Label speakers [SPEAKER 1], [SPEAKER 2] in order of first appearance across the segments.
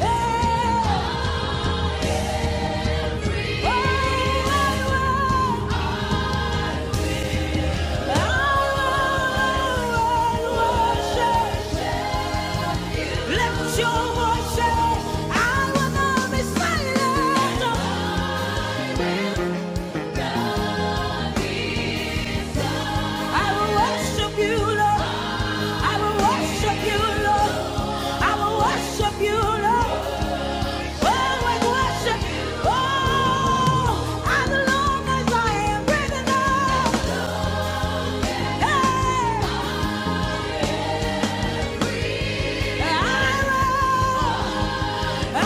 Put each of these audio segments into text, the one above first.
[SPEAKER 1] Hey! As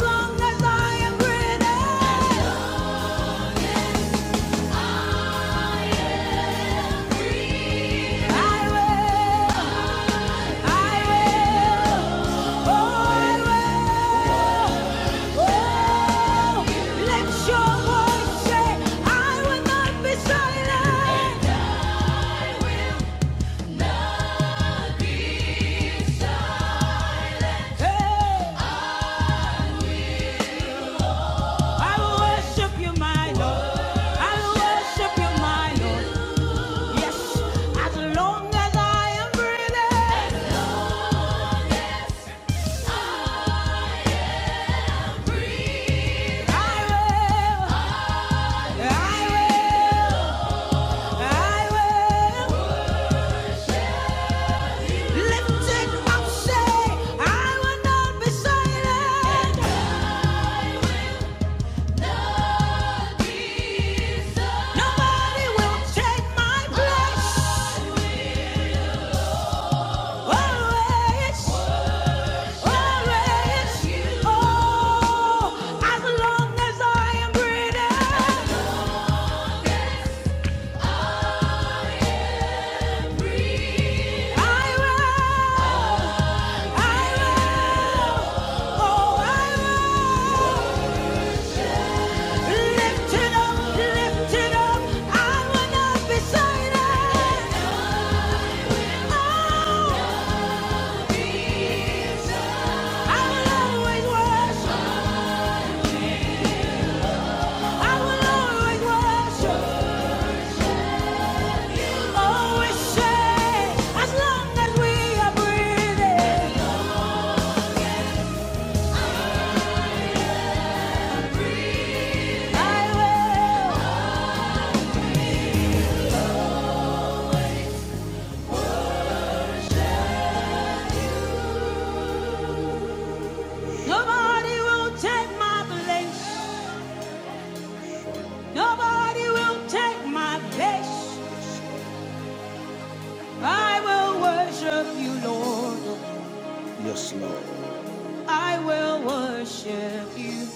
[SPEAKER 1] long as I am breathing, I will. I will. Lifted up, say, I will not be silent. Nobody will take my place. Always, always, oh, as long as I am breathing, I will, I will, oh, I will. Lifted up, lifted up, I will not be silent. Oh, I will always worship, I will always worship. Always say, as long as we are breathing, I will. Nobody will take my place, nobody will take my place. I will worship you, Lord. I will worship you.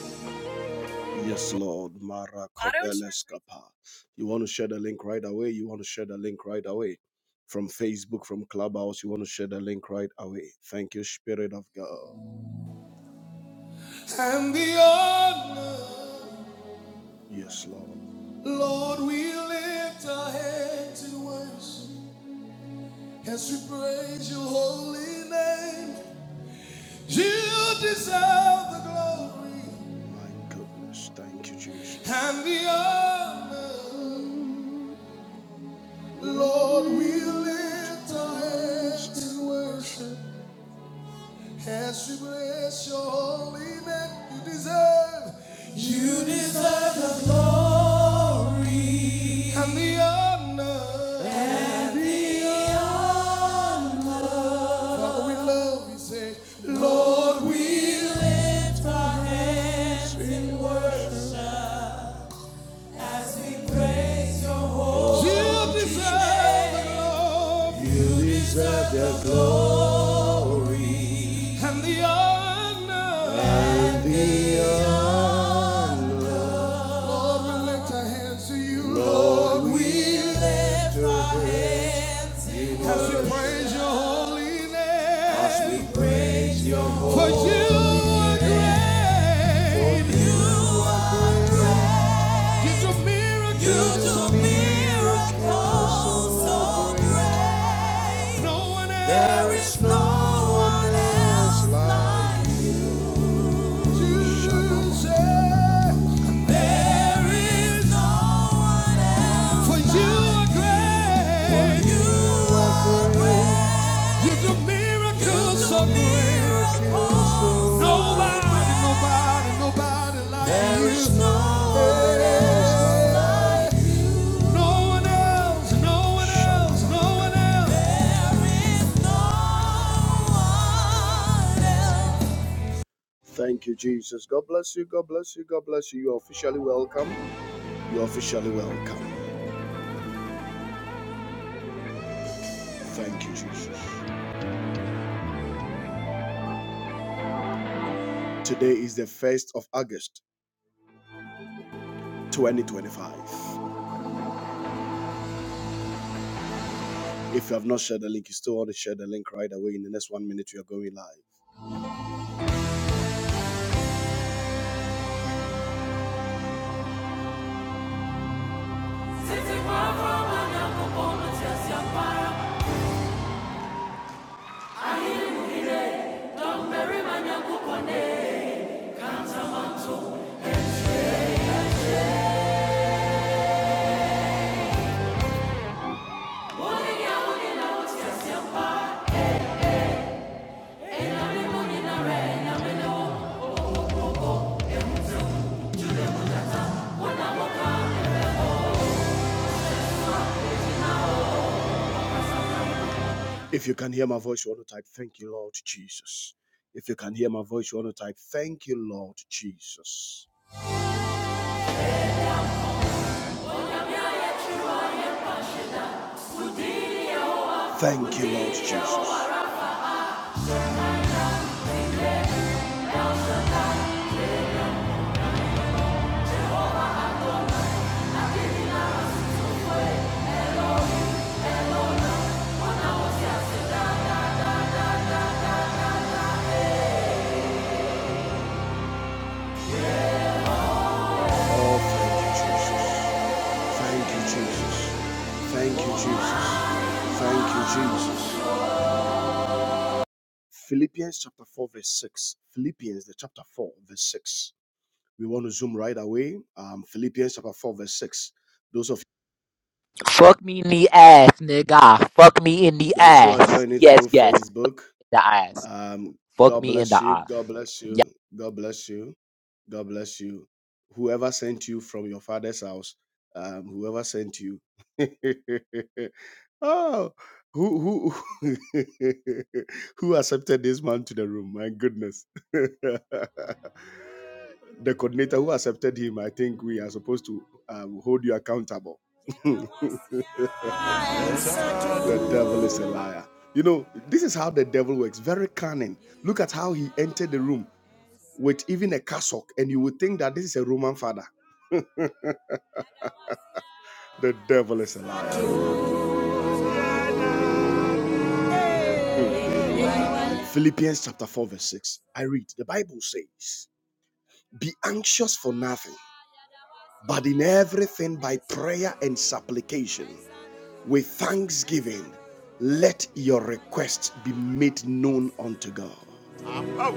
[SPEAKER 1] Yes, Lord. Mara Kobeleskapa. You want to share the link right away? You want to share the link right away. From Facebook, from Clubhouse, you want to share the link right away. Thank you, Spirit of God. And the honor, Yes, Lord. Lord, we lift our hands in worship as we praise your holy name. You deserve the glory My goodness, thank you, Jesus. and the honor. Lord, we lift our hands in worship as we bless your holy name. You deserve, you deserve the glory and the honor. And the honor. Father, we love you. Say, Lord, we lift our hands in worship. Oh, You deserve the glory. You deserve the glory. And the honor. And the honor. Lord, we lift our hands to you. Lord, we lift our hands in as we praise your holy name. As we praise your holy name. For you are great. For you are great. You do miracles. You do miracles so great. No one else. There is no one else like you. There is no one else. Thank you, Jesus. God bless you. God bless you. God bless you. You're officially welcome. You're officially welcome. Thank you, Jesus. Today is the 1st of August, 2025. If you have not shared the link, you still want to share the link right away. In the next one minute, we are going live. If you can hear my voice, you want to type, Thank you, Lord Jesus. If you can hear my voice, you want to type, Thank you, Lord Jesus. Thank you, Lord Jesus. Oh, thank you, Jesus. Thank you, Jesus. Thank you, Jesus. Thank you, Jesus. Philippians chapter 4, verse 6. Philippians, the chapter 4, verse 6. We want to zoom right away. Um, Philippians chapter 4, verse 6. Those of
[SPEAKER 2] Fuck me in the ass, nigga. Fuck me in the
[SPEAKER 1] those who are
[SPEAKER 2] ass.
[SPEAKER 1] joining
[SPEAKER 2] Yes,
[SPEAKER 1] through
[SPEAKER 2] yes,
[SPEAKER 1] Facebook,
[SPEAKER 2] the ass.
[SPEAKER 1] Um,
[SPEAKER 2] Fuck
[SPEAKER 1] God
[SPEAKER 2] me in
[SPEAKER 1] bless
[SPEAKER 2] the
[SPEAKER 1] you.
[SPEAKER 2] ass.
[SPEAKER 1] God bless you. God bless you. God bless you. Whoever sent you from your father's house, um, whoever sent you. oh, who who who accepted this man to the room? My goodness. the coordinator who accepted him, I think we are supposed to um, hold you accountable. The devil is a liar. You know, this is how the devil works. Very cunning. Look at how he entered the room. with even a cassock, and you would think that this is a Roman father. The devil is a liar. Philippians chapter 4, verse 6. I read, the Bible says, Be anxious for nothing, but in everything by prayer and supplication, with thanksgiving, let your requests be made known unto God. Oh,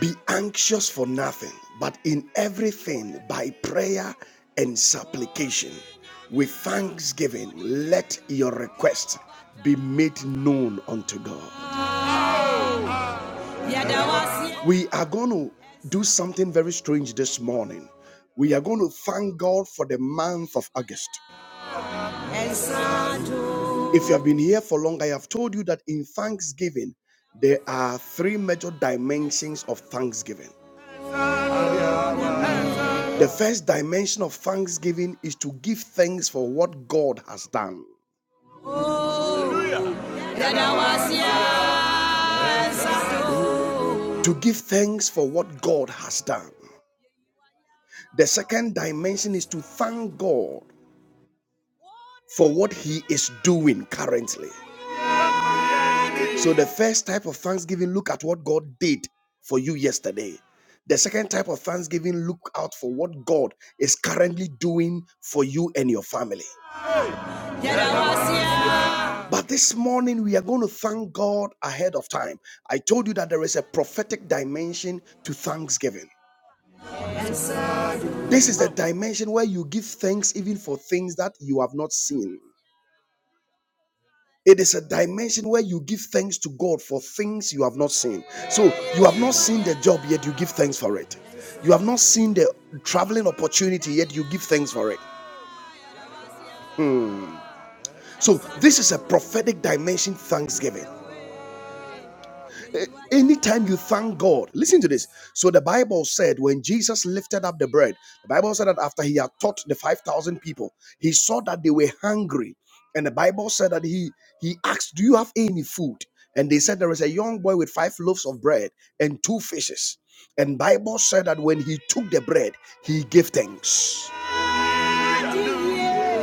[SPEAKER 1] Be anxious for nothing, but in everything by prayer and supplication. With thanksgiving, let your requests be made known unto God. We are going to do something very strange this morning. We are going to thank God for the month of August. If you have been here for long, I have told you that in thanksgiving, there are three major dimensions of thanksgiving. The first dimension of thanksgiving is to give thanks for what God has done. To give thanks for what God has done. The second dimension is to thank God for what He is doing currently. So, the first type of thanksgiving, look at what God did for you yesterday. The second type of thanksgiving, look out for what God is currently doing for you and your family. But this morning, we are going to thank God ahead of time. I told you that there is a prophetic dimension to thanksgiving. This is the dimension where you give thanks even for things that you have not seen. It is a dimension where you give thanks to God for things you have not seen. So you have not seen the job, yet you give thanks for it. You have not seen the traveling opportunity, yet you give thanks for it. So this is a prophetic dimension thanksgiving. Eh, Anytime you thank God, listen to this. So the Bible said when Jesus lifted up the bread, the Bible said that after he had taught the 5,000 people, he saw that they were hungry. And the Bible said that he, he asked, Do you have any food? And they said there is a young boy with five loaves of bread and two fishes. And Bible said that when he took the bread, he gave thanks.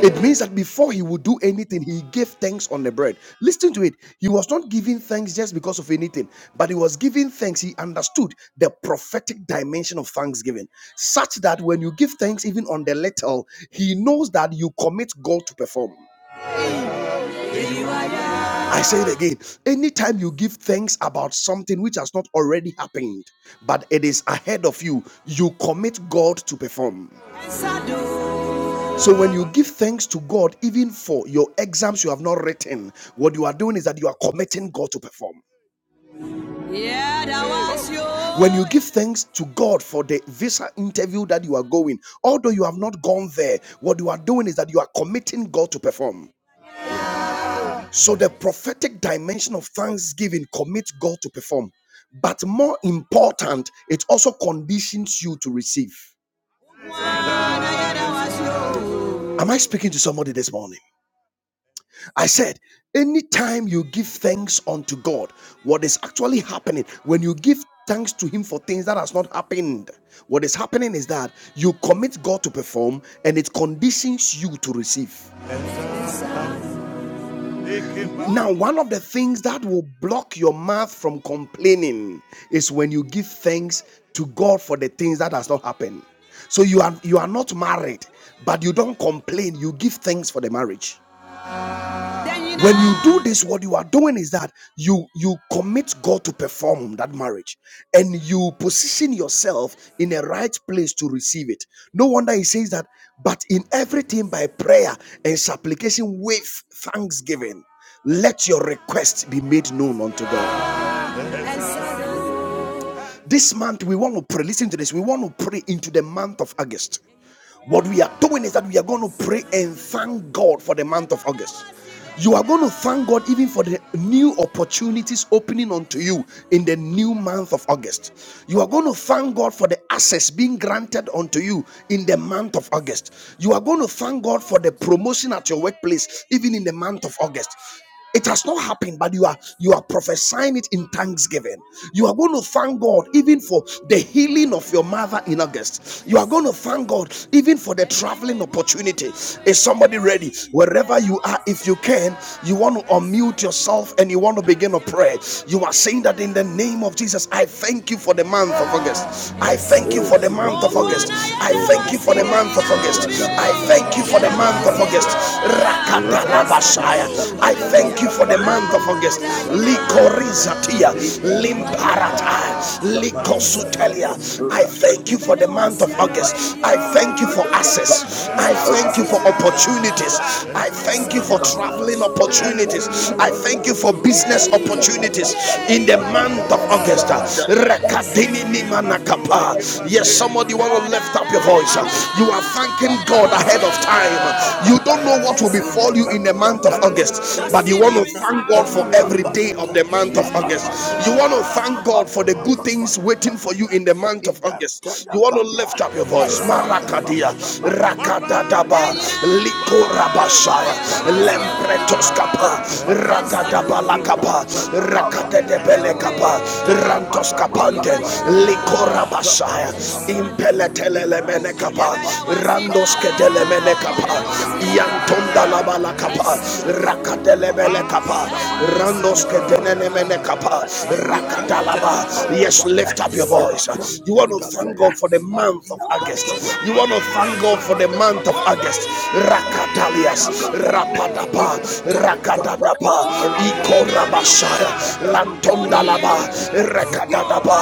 [SPEAKER 1] It means that before he would do anything, he gave thanks on the bread. Listen to it. He was not giving thanks just because of anything, but he was giving thanks. He understood the prophetic dimension of thanksgiving, such that when you give thanks, even on the little, he knows that you commit God to perform. I say it again. Anytime you give thanks about something which has not already happened, but it is ahead of you, you commit God to perform. So when you give thanks to God, even for your exams you have not written, what you are doing is that you are committing God to perform. Yeah, that was you. When you give thanks to God for the visa interview that you are going, although you have not gone there, what you are doing is that you are committing God to perform. So the prophetic dimension of thanksgiving commits God to perform. But more important, it also conditions you to receive. Am I speaking to somebody this morning? I said, anytime you give thanks unto God, what is actually happening when you give thanks to Him for things that has not happened, what is happening is that you commit God to perform and it conditions you to receive. Now, one of the things that will block your mouth from complaining is when you give thanks to God for the things that has not happened. So you are you are not married, but you don't complain. You give thanks for the marriage when you do this what you are doing is that you you commit god to perform that marriage and you position yourself in a right place to receive it no wonder he says that but in everything by prayer and supplication with thanksgiving let your request be made known unto god this month, we want to pray. Listen to this. We want to pray into the month of August. What we are doing is that we are going to pray and thank God for the month of August. You are going to thank God even for the new opportunities opening unto you in the new month of August. You are going to thank God for the access being granted unto you in the month of August. You are going to thank God for the promotion at your workplace even in the month of August. It has not happened, but you are you are prophesying it in thanksgiving. You are going to thank God even for the healing of your mother in August. You are going to thank God even for the traveling opportunity. Is somebody ready? Wherever you are, if you can, you want to unmute yourself and you want to begin a prayer. You are saying that in the name of Jesus, I thank you for the month of August. I thank you
[SPEAKER 3] Oh
[SPEAKER 1] for the month of
[SPEAKER 3] oh
[SPEAKER 1] August. I
[SPEAKER 3] oh
[SPEAKER 1] thank you for the
[SPEAKER 3] oh!
[SPEAKER 1] month of August. I thank
[SPEAKER 3] Shabba-dabba-dabba,
[SPEAKER 1] you for the month of August.
[SPEAKER 3] shabba-dabba-da. Rabba-dabba,
[SPEAKER 1] Rakatalabashaya. I
[SPEAKER 3] shabba-dabba,
[SPEAKER 1] thank you for the month of
[SPEAKER 3] kappa-yabba-dabba,
[SPEAKER 1] August.
[SPEAKER 3] shabba-dabba-da.
[SPEAKER 1] Likorizatia,
[SPEAKER 3] Ibra-ta-yabba-dabba,
[SPEAKER 1] limparata, likosutelia. I
[SPEAKER 3] shabba-dabba-da.
[SPEAKER 1] thank you for the month of
[SPEAKER 3] Ibrahim
[SPEAKER 1] August. I thank you for access. I thank you for opportunities. I thank you for traveling opportunities. I thank you for business opportunities in the month of August. Rakatini. Yes, somebody want to lift up your voice. You are thanking God ahead of time. You don't know what will befall you in the month of August, but you want to thank God for every day of the month of August. You want to thank God for the good things waiting for you in the month of August. You want to lift up your voice. Marakadia, Rakadadaba, Likorabashaya, Lempretoskapa, Rakadabala. Lakapa, Rakatete
[SPEAKER 3] Ibrahim
[SPEAKER 1] Pelekapa,
[SPEAKER 3] Ibrata
[SPEAKER 1] Rantos
[SPEAKER 3] yamada
[SPEAKER 1] Kapante,
[SPEAKER 3] makapa yamada
[SPEAKER 1] Likora Basaya,
[SPEAKER 3] masabada makapa.
[SPEAKER 1] Impeletele
[SPEAKER 3] Ibrata
[SPEAKER 1] Menekapa,
[SPEAKER 3] yamada
[SPEAKER 1] Randos
[SPEAKER 3] makapa.
[SPEAKER 1] Ketele Menekapa,
[SPEAKER 3] Rabandia kapa.
[SPEAKER 1] Yantonda Labala Kapa,
[SPEAKER 3] Ayatamandia kapa
[SPEAKER 1] Rakatele
[SPEAKER 3] yamada
[SPEAKER 1] Menekapa,
[SPEAKER 3] masamani mana
[SPEAKER 1] Randos
[SPEAKER 3] kapa
[SPEAKER 1] Ketene
[SPEAKER 3] yatamada.
[SPEAKER 1] Menekapa,
[SPEAKER 3] Ibrata
[SPEAKER 1] Rakatalaba.
[SPEAKER 3] yamada
[SPEAKER 1] Yes,
[SPEAKER 3] kapa.
[SPEAKER 1] lift up your voice. You
[SPEAKER 3] Rabandia
[SPEAKER 1] want to
[SPEAKER 3] kapa
[SPEAKER 1] thank
[SPEAKER 3] ya.
[SPEAKER 1] God for the month of
[SPEAKER 3] Adia kata
[SPEAKER 1] August. You want
[SPEAKER 3] yamada
[SPEAKER 1] to thank God for the
[SPEAKER 3] masamada
[SPEAKER 1] month of
[SPEAKER 3] makapa.
[SPEAKER 1] August.
[SPEAKER 3] Ibrata
[SPEAKER 1] Rakatalias,
[SPEAKER 3] yamada kapa.
[SPEAKER 1] Rapadapa,
[SPEAKER 3] Ibrahim
[SPEAKER 1] Rakadadapa, Ikorabashaya, Lantondalaba, Rakadadaba,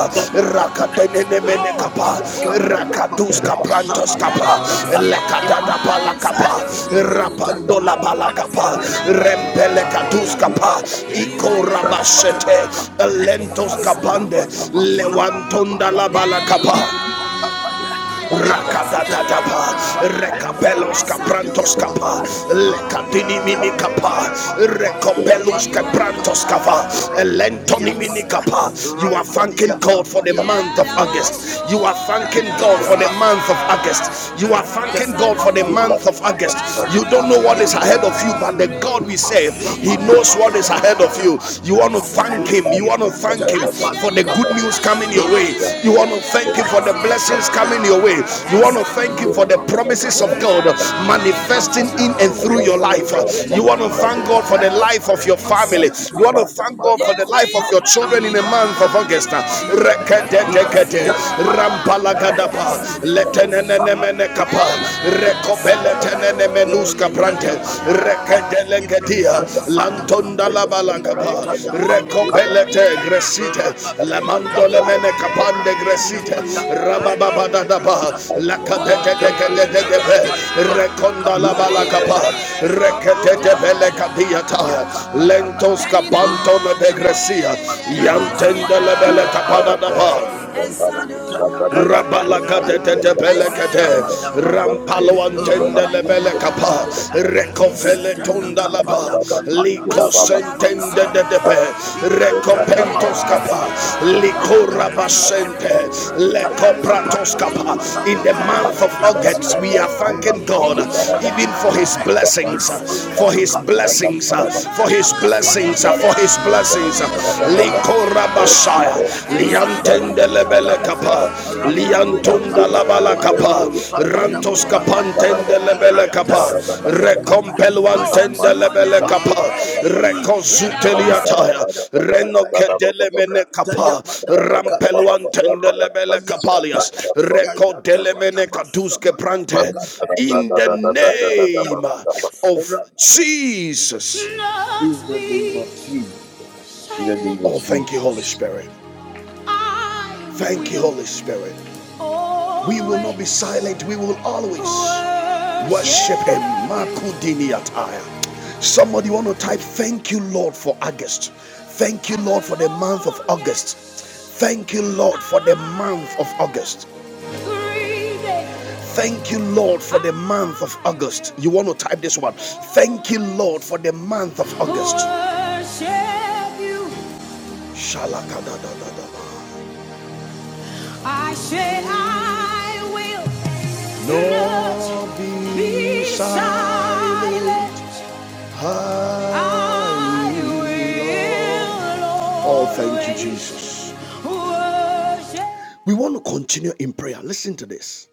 [SPEAKER 1] Rakadenemenekapa, Rakaduska Prantoskapa, Lekadadapa
[SPEAKER 3] Ibrahim,
[SPEAKER 1] Lakapa, Rapandolaba Lakapa, Rempelekatuskapa, Ikorabashete, Lentoskapande, Lewantondalaba Lakapa.
[SPEAKER 4] Thank
[SPEAKER 1] Rakadadadaba,
[SPEAKER 3] Ibrahim,
[SPEAKER 1] Rekapelos Caprantos Capa,
[SPEAKER 3] Ibrahim,
[SPEAKER 1] Lecadini
[SPEAKER 3] Rapadia
[SPEAKER 1] Mini Capa,
[SPEAKER 3] Kataya Badaba
[SPEAKER 1] Recopelus
[SPEAKER 3] Sabada
[SPEAKER 1] Caprantos
[SPEAKER 3] Bakaba
[SPEAKER 1] Capa, Lentoni
[SPEAKER 3] Rapadia
[SPEAKER 1] Mini
[SPEAKER 3] Kapa
[SPEAKER 1] Capa. You are thanking
[SPEAKER 3] Rapadia
[SPEAKER 1] God for the
[SPEAKER 3] Kapaya
[SPEAKER 1] month of
[SPEAKER 3] Badaba Kabe
[SPEAKER 1] August. You are thanking God
[SPEAKER 3] Ibrantaya
[SPEAKER 1] for the month
[SPEAKER 3] Badaba
[SPEAKER 1] of August. You are thanking
[SPEAKER 3] Ibrantaya
[SPEAKER 1] God for the
[SPEAKER 3] Badaba
[SPEAKER 1] month of
[SPEAKER 3] Kabe
[SPEAKER 1] August. You don't know what
[SPEAKER 3] Rapadia
[SPEAKER 1] is ahead
[SPEAKER 3] Kabe
[SPEAKER 1] of you, but the God we
[SPEAKER 3] Imadama
[SPEAKER 1] serve, He knows
[SPEAKER 3] Sabadaba
[SPEAKER 1] what is ahead
[SPEAKER 3] Kapaya
[SPEAKER 1] of you. You
[SPEAKER 3] Tabania
[SPEAKER 1] want to thank
[SPEAKER 3] Kabe
[SPEAKER 1] thank Him. You want to thank Him
[SPEAKER 3] Ibrantaya
[SPEAKER 1] for the good
[SPEAKER 3] Badakapaya
[SPEAKER 1] news coming your way. You want
[SPEAKER 3] Rapadia
[SPEAKER 1] to thank Him
[SPEAKER 3] Kabe
[SPEAKER 1] for the blessings coming
[SPEAKER 3] Ibrantaya
[SPEAKER 1] your way. You want
[SPEAKER 3] Bakapaya
[SPEAKER 1] to thank Him for
[SPEAKER 3] Tabada
[SPEAKER 1] the
[SPEAKER 3] Bakabe
[SPEAKER 1] promises of God
[SPEAKER 3] Adimana
[SPEAKER 1] manifesting
[SPEAKER 3] Sabana
[SPEAKER 1] in and
[SPEAKER 3] Kabe,
[SPEAKER 1] through your life.
[SPEAKER 3] Ibranta
[SPEAKER 1] You want to
[SPEAKER 3] Yamana
[SPEAKER 1] thank God for
[SPEAKER 3] Kabe,
[SPEAKER 1] the life of your family.
[SPEAKER 3] Aramania
[SPEAKER 1] You want to
[SPEAKER 3] Kata
[SPEAKER 1] thank God
[SPEAKER 3] Yamana
[SPEAKER 1] for the life of your
[SPEAKER 3] Masamana
[SPEAKER 1] children in the
[SPEAKER 3] Makapa
[SPEAKER 1] month of August.
[SPEAKER 3] Yamana Imataya Madakabaya,
[SPEAKER 1] rampalagadapa,
[SPEAKER 3] Adimada Samada
[SPEAKER 1] letenenenemenekapa,
[SPEAKER 3] Makapaya Madakabaya,
[SPEAKER 1] rekobeletenenenemenekapa mene menuska prante
[SPEAKER 3] Ibrataya Madakabaya,
[SPEAKER 1] rekedele gedia
[SPEAKER 3] Ibrataya
[SPEAKER 1] lantonda
[SPEAKER 3] Madakabaya,
[SPEAKER 1] la bala
[SPEAKER 3] Ibrataya Madakabaya,
[SPEAKER 1] rekobelete gresite
[SPEAKER 3] Rabada
[SPEAKER 1] lamandole
[SPEAKER 3] Makapa,
[SPEAKER 1] mene kapande
[SPEAKER 3] Ibrataya
[SPEAKER 1] gresite
[SPEAKER 3] Madakabaya,
[SPEAKER 1] rababa da ba
[SPEAKER 3] Ibrataya
[SPEAKER 1] la
[SPEAKER 3] Kapaya,
[SPEAKER 1] kadete de de de
[SPEAKER 3] Tamania
[SPEAKER 1] de
[SPEAKER 3] Kapaya, Mania
[SPEAKER 1] rekonda la
[SPEAKER 3] Kapaya,
[SPEAKER 4] you.
[SPEAKER 1] bala kapa
[SPEAKER 3] Ibrataya
[SPEAKER 1] rekete
[SPEAKER 3] Madakabaya,
[SPEAKER 1] bele kadia
[SPEAKER 3] Ania
[SPEAKER 1] ta
[SPEAKER 3] Kapaya Mada,
[SPEAKER 1] lentos kapanto me
[SPEAKER 3] Rabada
[SPEAKER 1] begresia
[SPEAKER 3] Masamada
[SPEAKER 1] yantende
[SPEAKER 3] Makapaya,
[SPEAKER 1] le
[SPEAKER 4] Thank
[SPEAKER 1] bele
[SPEAKER 3] Taya Madakabaya,
[SPEAKER 1] ba
[SPEAKER 3] Ibranta ya kapaya, adibada
[SPEAKER 1] Rabalakatetetepelekete,
[SPEAKER 3] masabada makapa, rapandimada
[SPEAKER 1] Rampaloantendelebelekapa,
[SPEAKER 3] kapaya, Ibranta ya
[SPEAKER 1] Recofeletondalaba,
[SPEAKER 3] kapaya kapaya tamada makapaya ta,
[SPEAKER 1] Licosentendedepe,
[SPEAKER 3] Ibranta ya makapa,
[SPEAKER 1] Recopentoscapa,
[SPEAKER 3] arapanda kapaya,
[SPEAKER 1] Licorabasente,
[SPEAKER 3] Ibranta ya kapaya
[SPEAKER 1] Lecopratoscapa.
[SPEAKER 3] tamada
[SPEAKER 1] In the month of
[SPEAKER 3] makapani ya
[SPEAKER 1] August,
[SPEAKER 3] kapa,
[SPEAKER 1] we are thanking
[SPEAKER 3] amada
[SPEAKER 1] God even
[SPEAKER 3] masabada
[SPEAKER 1] for His
[SPEAKER 3] kapa,
[SPEAKER 1] blessings,
[SPEAKER 3] arapandi
[SPEAKER 1] for
[SPEAKER 3] ya
[SPEAKER 1] His
[SPEAKER 3] kapa,
[SPEAKER 1] blessings,
[SPEAKER 3] Ibranta
[SPEAKER 1] for
[SPEAKER 3] ya
[SPEAKER 1] His
[SPEAKER 3] kapaya
[SPEAKER 1] blessings, for His
[SPEAKER 3] kapaya mada
[SPEAKER 1] blessings.
[SPEAKER 3] makapa, Imada
[SPEAKER 1] Licorabasente. Liantende lebele
[SPEAKER 3] Arabadiyakapa,
[SPEAKER 1] kapa, liantunda labala kapa,
[SPEAKER 4] you.
[SPEAKER 1] rantos
[SPEAKER 4] In
[SPEAKER 3] Arabadiyakatayabadamasabadamakapaya,
[SPEAKER 1] kapantende lebele kapa,
[SPEAKER 3] Ibrantayabadiyakapa,
[SPEAKER 1] recompeluantende lebele kapa,
[SPEAKER 3] Ayatabadamakapa,
[SPEAKER 1] reconsuteliataya,
[SPEAKER 3] Ibrantayakapayabadamakapaya,
[SPEAKER 1] renokadele mene kapa,
[SPEAKER 3] Ibrantayabadamakapa,
[SPEAKER 1] rampeluantende lebele kapalias,
[SPEAKER 3] Arabadiyakapaya,
[SPEAKER 1] recodele mene kaduske prante,
[SPEAKER 3] Ayatabadamasabadamakapa,
[SPEAKER 1] in the name
[SPEAKER 3] Ibrantayabadamakapa,
[SPEAKER 1] of
[SPEAKER 3] Arabadama-
[SPEAKER 1] Jesus.
[SPEAKER 3] In the name of Jesus, in the name of
[SPEAKER 1] Oh, thank you,
[SPEAKER 3] Jesus.
[SPEAKER 1] Holy Spirit. Thank you, Holy Spirit. We will not be silent. We will always worship Him. Makudini Somebody want to type, Thank you, Lord, for August. Thank you, Lord, for the month of August. Thank you, Lord, for the month of August. Thank you, Lord, for the month of August. You want to type this one. Thank you, Lord, for the month of August. Shalakadadadadaba. I said I will not be silent. I will Oh, thank you, Jesus. We want to continue in prayer. Listen to this.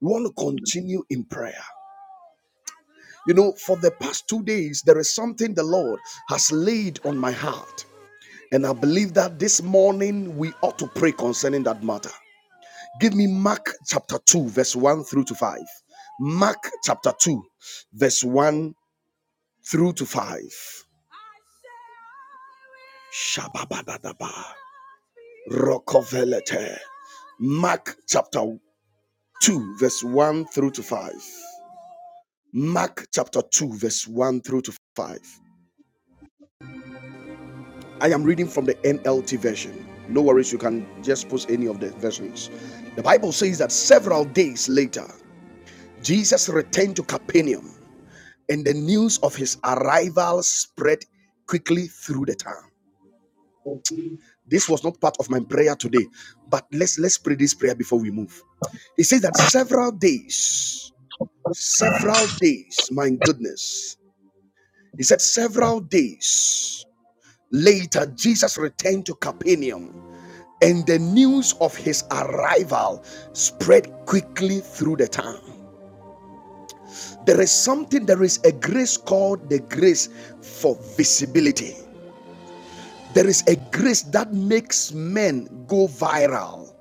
[SPEAKER 1] We want to continue in prayer. You know, for the past two days, there is something the Lord has laid on my heart. And I believe that this morning we ought to pray concerning that matter. Give me Mark chapter 2, verse 1 through to 5. Mark chapter 2, verse 1 through to 5. Shababadadaba. Rokovelete. Mark chapter 2, verse 1 through to 5. Mark chapter 2, verse 1 through to 5. I am reading from the NLT version. No worries, you can just post any of the versions. The Bible says that several days later, Jesus returned to Capernaum and the news of his arrival spread quickly through the town. This was not part of my prayer today, but let's let's pray this prayer before we move. He says that several days, several days, my goodness. He said several days later, Jesus returned to Capernaum, and the news of his arrival spread quickly through the town. There is something, there is a grace called the grace for visibility. There is a grace that makes men go viral.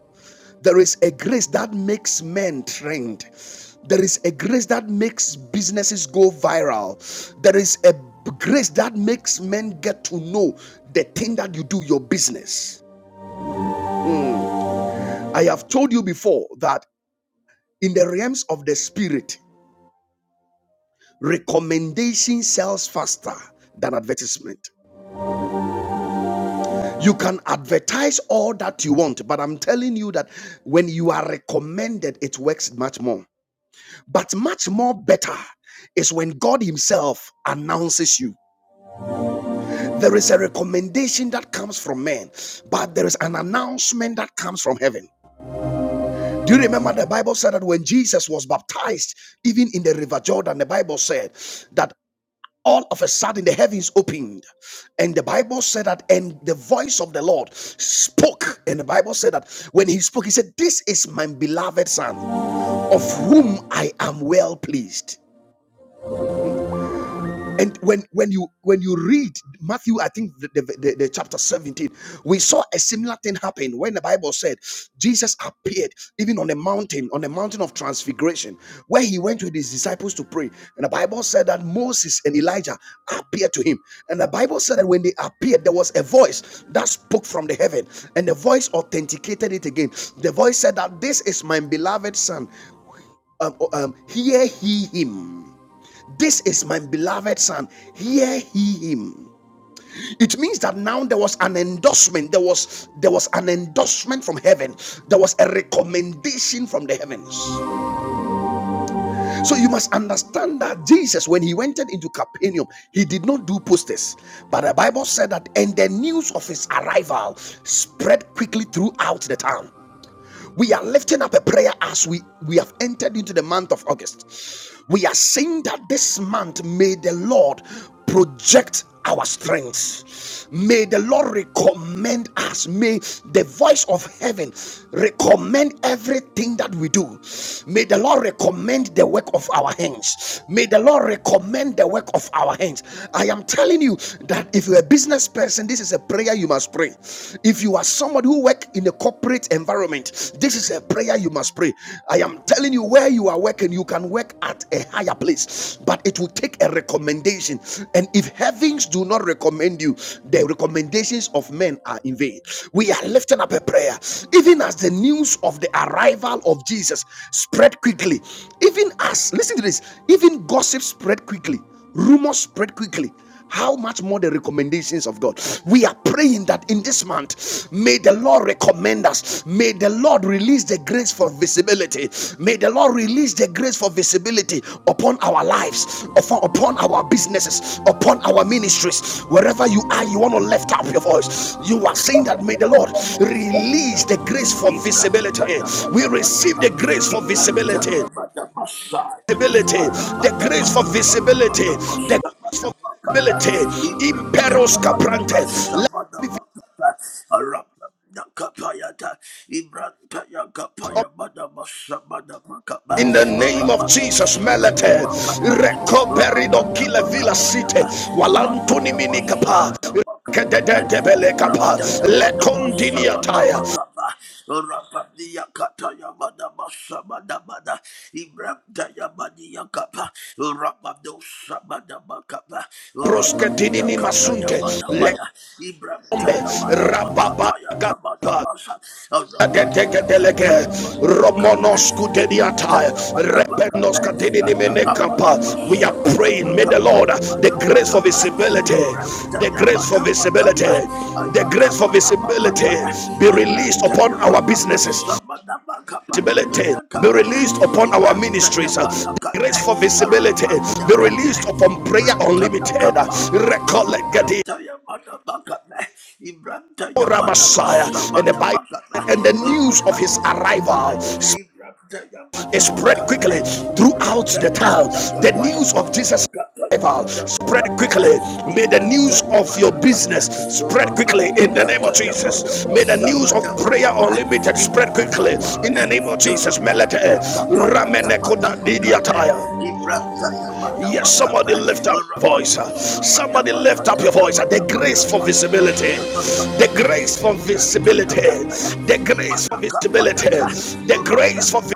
[SPEAKER 1] There is a grace that makes men trend. There is a grace that makes businesses go viral. There is a grace that makes men get to know the thing that you do, your business. I have told you before that in the realms of the spirit, recommendation sells faster than advertisement. You can advertise all that you want, but I'm telling you that when you are recommended, it works much more. But much more better is when God Himself announces you. There is a recommendation that comes from man, but there is an announcement that comes from heaven. Do you remember the Bible said that when Jesus was baptized, even in the river Jordan, the Bible said that all of a sudden the heavens opened and the bible said that and the voice of the lord spoke and the bible said that when he spoke he said this is my beloved son of whom i am well pleased and when when you when you read Matthew, I think the, the, the, the chapter 17, we saw a similar thing happen when the Bible said Jesus appeared even on a mountain, on the mountain of transfiguration, where he went with his disciples to pray. And the Bible said that Moses and Elijah appeared to him. And the Bible said that when they appeared, there was a voice that spoke from the heaven, and the voice authenticated it again. The voice said that this is my beloved son. Um, um, hear he him. This is my beloved son. Hear he him. It means that now there was an endorsement. There was there was an endorsement from heaven. There was a recommendation from the heavens. So you must understand that Jesus, when he went into Capernaum, he did not do posters. But the Bible said that and the news of his arrival spread quickly throughout the town. We are lifting up a prayer as we, we have entered into the month of August. We are saying that this month may the Lord project our strength. May the Lord recommend us. May the voice of heaven recommend everything that we do. May the Lord recommend the work of our hands. May the Lord recommend the work of our hands. I am telling you that if you're a business person, this is a prayer prayer you must pray. If you are somebody who work in a corporate environment, this is a prayer you must pray. I am telling you where you are working, you can work at a higher place, but it will take a recommendation. And if heavens do not recommend you, the recommendations of men are in vain. We are lifting up a prayer, even as the news of the arrival of Jesus spread quickly, even as listen to this, even gossip spread quickly, rumors spread quickly how much more the recommendations of God. We are praying that in this month, may the Lord recommend us. May the Lord release the grace for visibility. May the Lord release the grace for visibility upon our lives, upon, our businesses, upon our ministries. Wherever you are, you want to lift up your voice. You are saying that may the Lord release the grace for
[SPEAKER 3] Ibrahim
[SPEAKER 1] visibility. We receive the grace for visibility
[SPEAKER 3] Ibrahim
[SPEAKER 1] visibility, the grace for visibility, the
[SPEAKER 3] Arabadabakabadabadabasabadabakata.
[SPEAKER 1] ability. Imperos caprante.
[SPEAKER 3] Ibradayabadabasabadabakata. Arabadakapayata. Ibradayakapayabadabasabadabakaba.
[SPEAKER 1] In the name of Jesus, Melete,
[SPEAKER 3] Rabadosabadabakapaya.
[SPEAKER 1] recoperido kile villa city,
[SPEAKER 3] Rabadabakapayaba.
[SPEAKER 1] walantuni mini kapa,
[SPEAKER 3] Rabadabasabadabakapaya.
[SPEAKER 1] kedededebele kapa,
[SPEAKER 3] Ibrandaya
[SPEAKER 1] le
[SPEAKER 3] Madama
[SPEAKER 1] tire,
[SPEAKER 3] Sabadabakaba Rapadia Kataya Madama Sabadabada Ibrandaya Madia Kapa Rapado Sabadabakaba Rapadia
[SPEAKER 1] prosketini
[SPEAKER 3] Kataya
[SPEAKER 1] masunte, le
[SPEAKER 3] Madamaya
[SPEAKER 1] kombe,
[SPEAKER 3] Ibrandaya Madama Kapaya
[SPEAKER 1] rababa
[SPEAKER 3] Tabadamasa Rapadia Kataya Madama Kapa Ibrandaya Madama Kapa Ayana Madama
[SPEAKER 1] We are praying, may the Lord the
[SPEAKER 3] Sabadabakapa
[SPEAKER 1] grace for
[SPEAKER 3] Makapa,
[SPEAKER 1] visibility,
[SPEAKER 3] Ibrahim
[SPEAKER 1] the grace for
[SPEAKER 3] Tayamada
[SPEAKER 1] visibility,
[SPEAKER 3] Makapa,
[SPEAKER 1] the grace for
[SPEAKER 3] Ayatamada
[SPEAKER 1] visibility
[SPEAKER 3] Makapa,
[SPEAKER 1] be
[SPEAKER 3] Ibrahim
[SPEAKER 1] released upon our
[SPEAKER 3] Tayamada
[SPEAKER 1] businesses,
[SPEAKER 3] Masamada Makapa,
[SPEAKER 1] visibility
[SPEAKER 3] Imada
[SPEAKER 1] be
[SPEAKER 3] Kapaya,
[SPEAKER 1] released upon our
[SPEAKER 3] Ibrahim
[SPEAKER 1] ministries.
[SPEAKER 3] Tayamada
[SPEAKER 1] The
[SPEAKER 3] Kabe,
[SPEAKER 1] Grace for visibility
[SPEAKER 3] Arafam
[SPEAKER 1] be
[SPEAKER 3] Dakabe,
[SPEAKER 1] released upon prayer
[SPEAKER 3] Ibrahim
[SPEAKER 1] unlimited.
[SPEAKER 3] Tayakapaya,
[SPEAKER 1] Recollect
[SPEAKER 3] Ibrahim
[SPEAKER 1] the
[SPEAKER 3] Tayamada Makabe, Ibrahim Tayamada
[SPEAKER 1] Messiah and the
[SPEAKER 3] Masamada
[SPEAKER 1] Bible
[SPEAKER 3] Makapa,
[SPEAKER 1] and the news of
[SPEAKER 3] Arafam
[SPEAKER 1] his
[SPEAKER 3] Dakapa,
[SPEAKER 1] arrival
[SPEAKER 3] Ibrahim Tayamada
[SPEAKER 1] spread
[SPEAKER 3] Makabe,
[SPEAKER 1] quickly throughout the
[SPEAKER 3] Ibrantaya
[SPEAKER 1] town.
[SPEAKER 3] Madaka
[SPEAKER 1] The
[SPEAKER 3] Paya
[SPEAKER 1] news of Jesus
[SPEAKER 3] Madaka Paya
[SPEAKER 1] revival spread
[SPEAKER 3] Madaka Paya
[SPEAKER 1] quickly. May the news
[SPEAKER 3] Ibrantaya
[SPEAKER 1] of your
[SPEAKER 3] Madaka
[SPEAKER 1] business
[SPEAKER 3] Paya
[SPEAKER 1] spread quickly
[SPEAKER 3] Ramania
[SPEAKER 1] in the name of
[SPEAKER 3] Kataya
[SPEAKER 1] Jesus.
[SPEAKER 3] Madaka
[SPEAKER 1] May the news of
[SPEAKER 3] Sabada
[SPEAKER 1] prayer
[SPEAKER 3] Makapa
[SPEAKER 1] unlimited spread
[SPEAKER 3] Imanaka
[SPEAKER 1] quickly in
[SPEAKER 3] Paya
[SPEAKER 1] the name of Jesus. Melete
[SPEAKER 3] Rampanda Kapaya
[SPEAKER 1] ramene
[SPEAKER 3] Tabada
[SPEAKER 1] koda
[SPEAKER 3] Makapa
[SPEAKER 1] didiataya.
[SPEAKER 3] Ibrantaya
[SPEAKER 1] Yes,
[SPEAKER 3] Madaka
[SPEAKER 1] somebody lift up your voice. Somebody lift up your voice. The grace for visibility. The grace for visibility. The grace for visibility. The grace for visibility.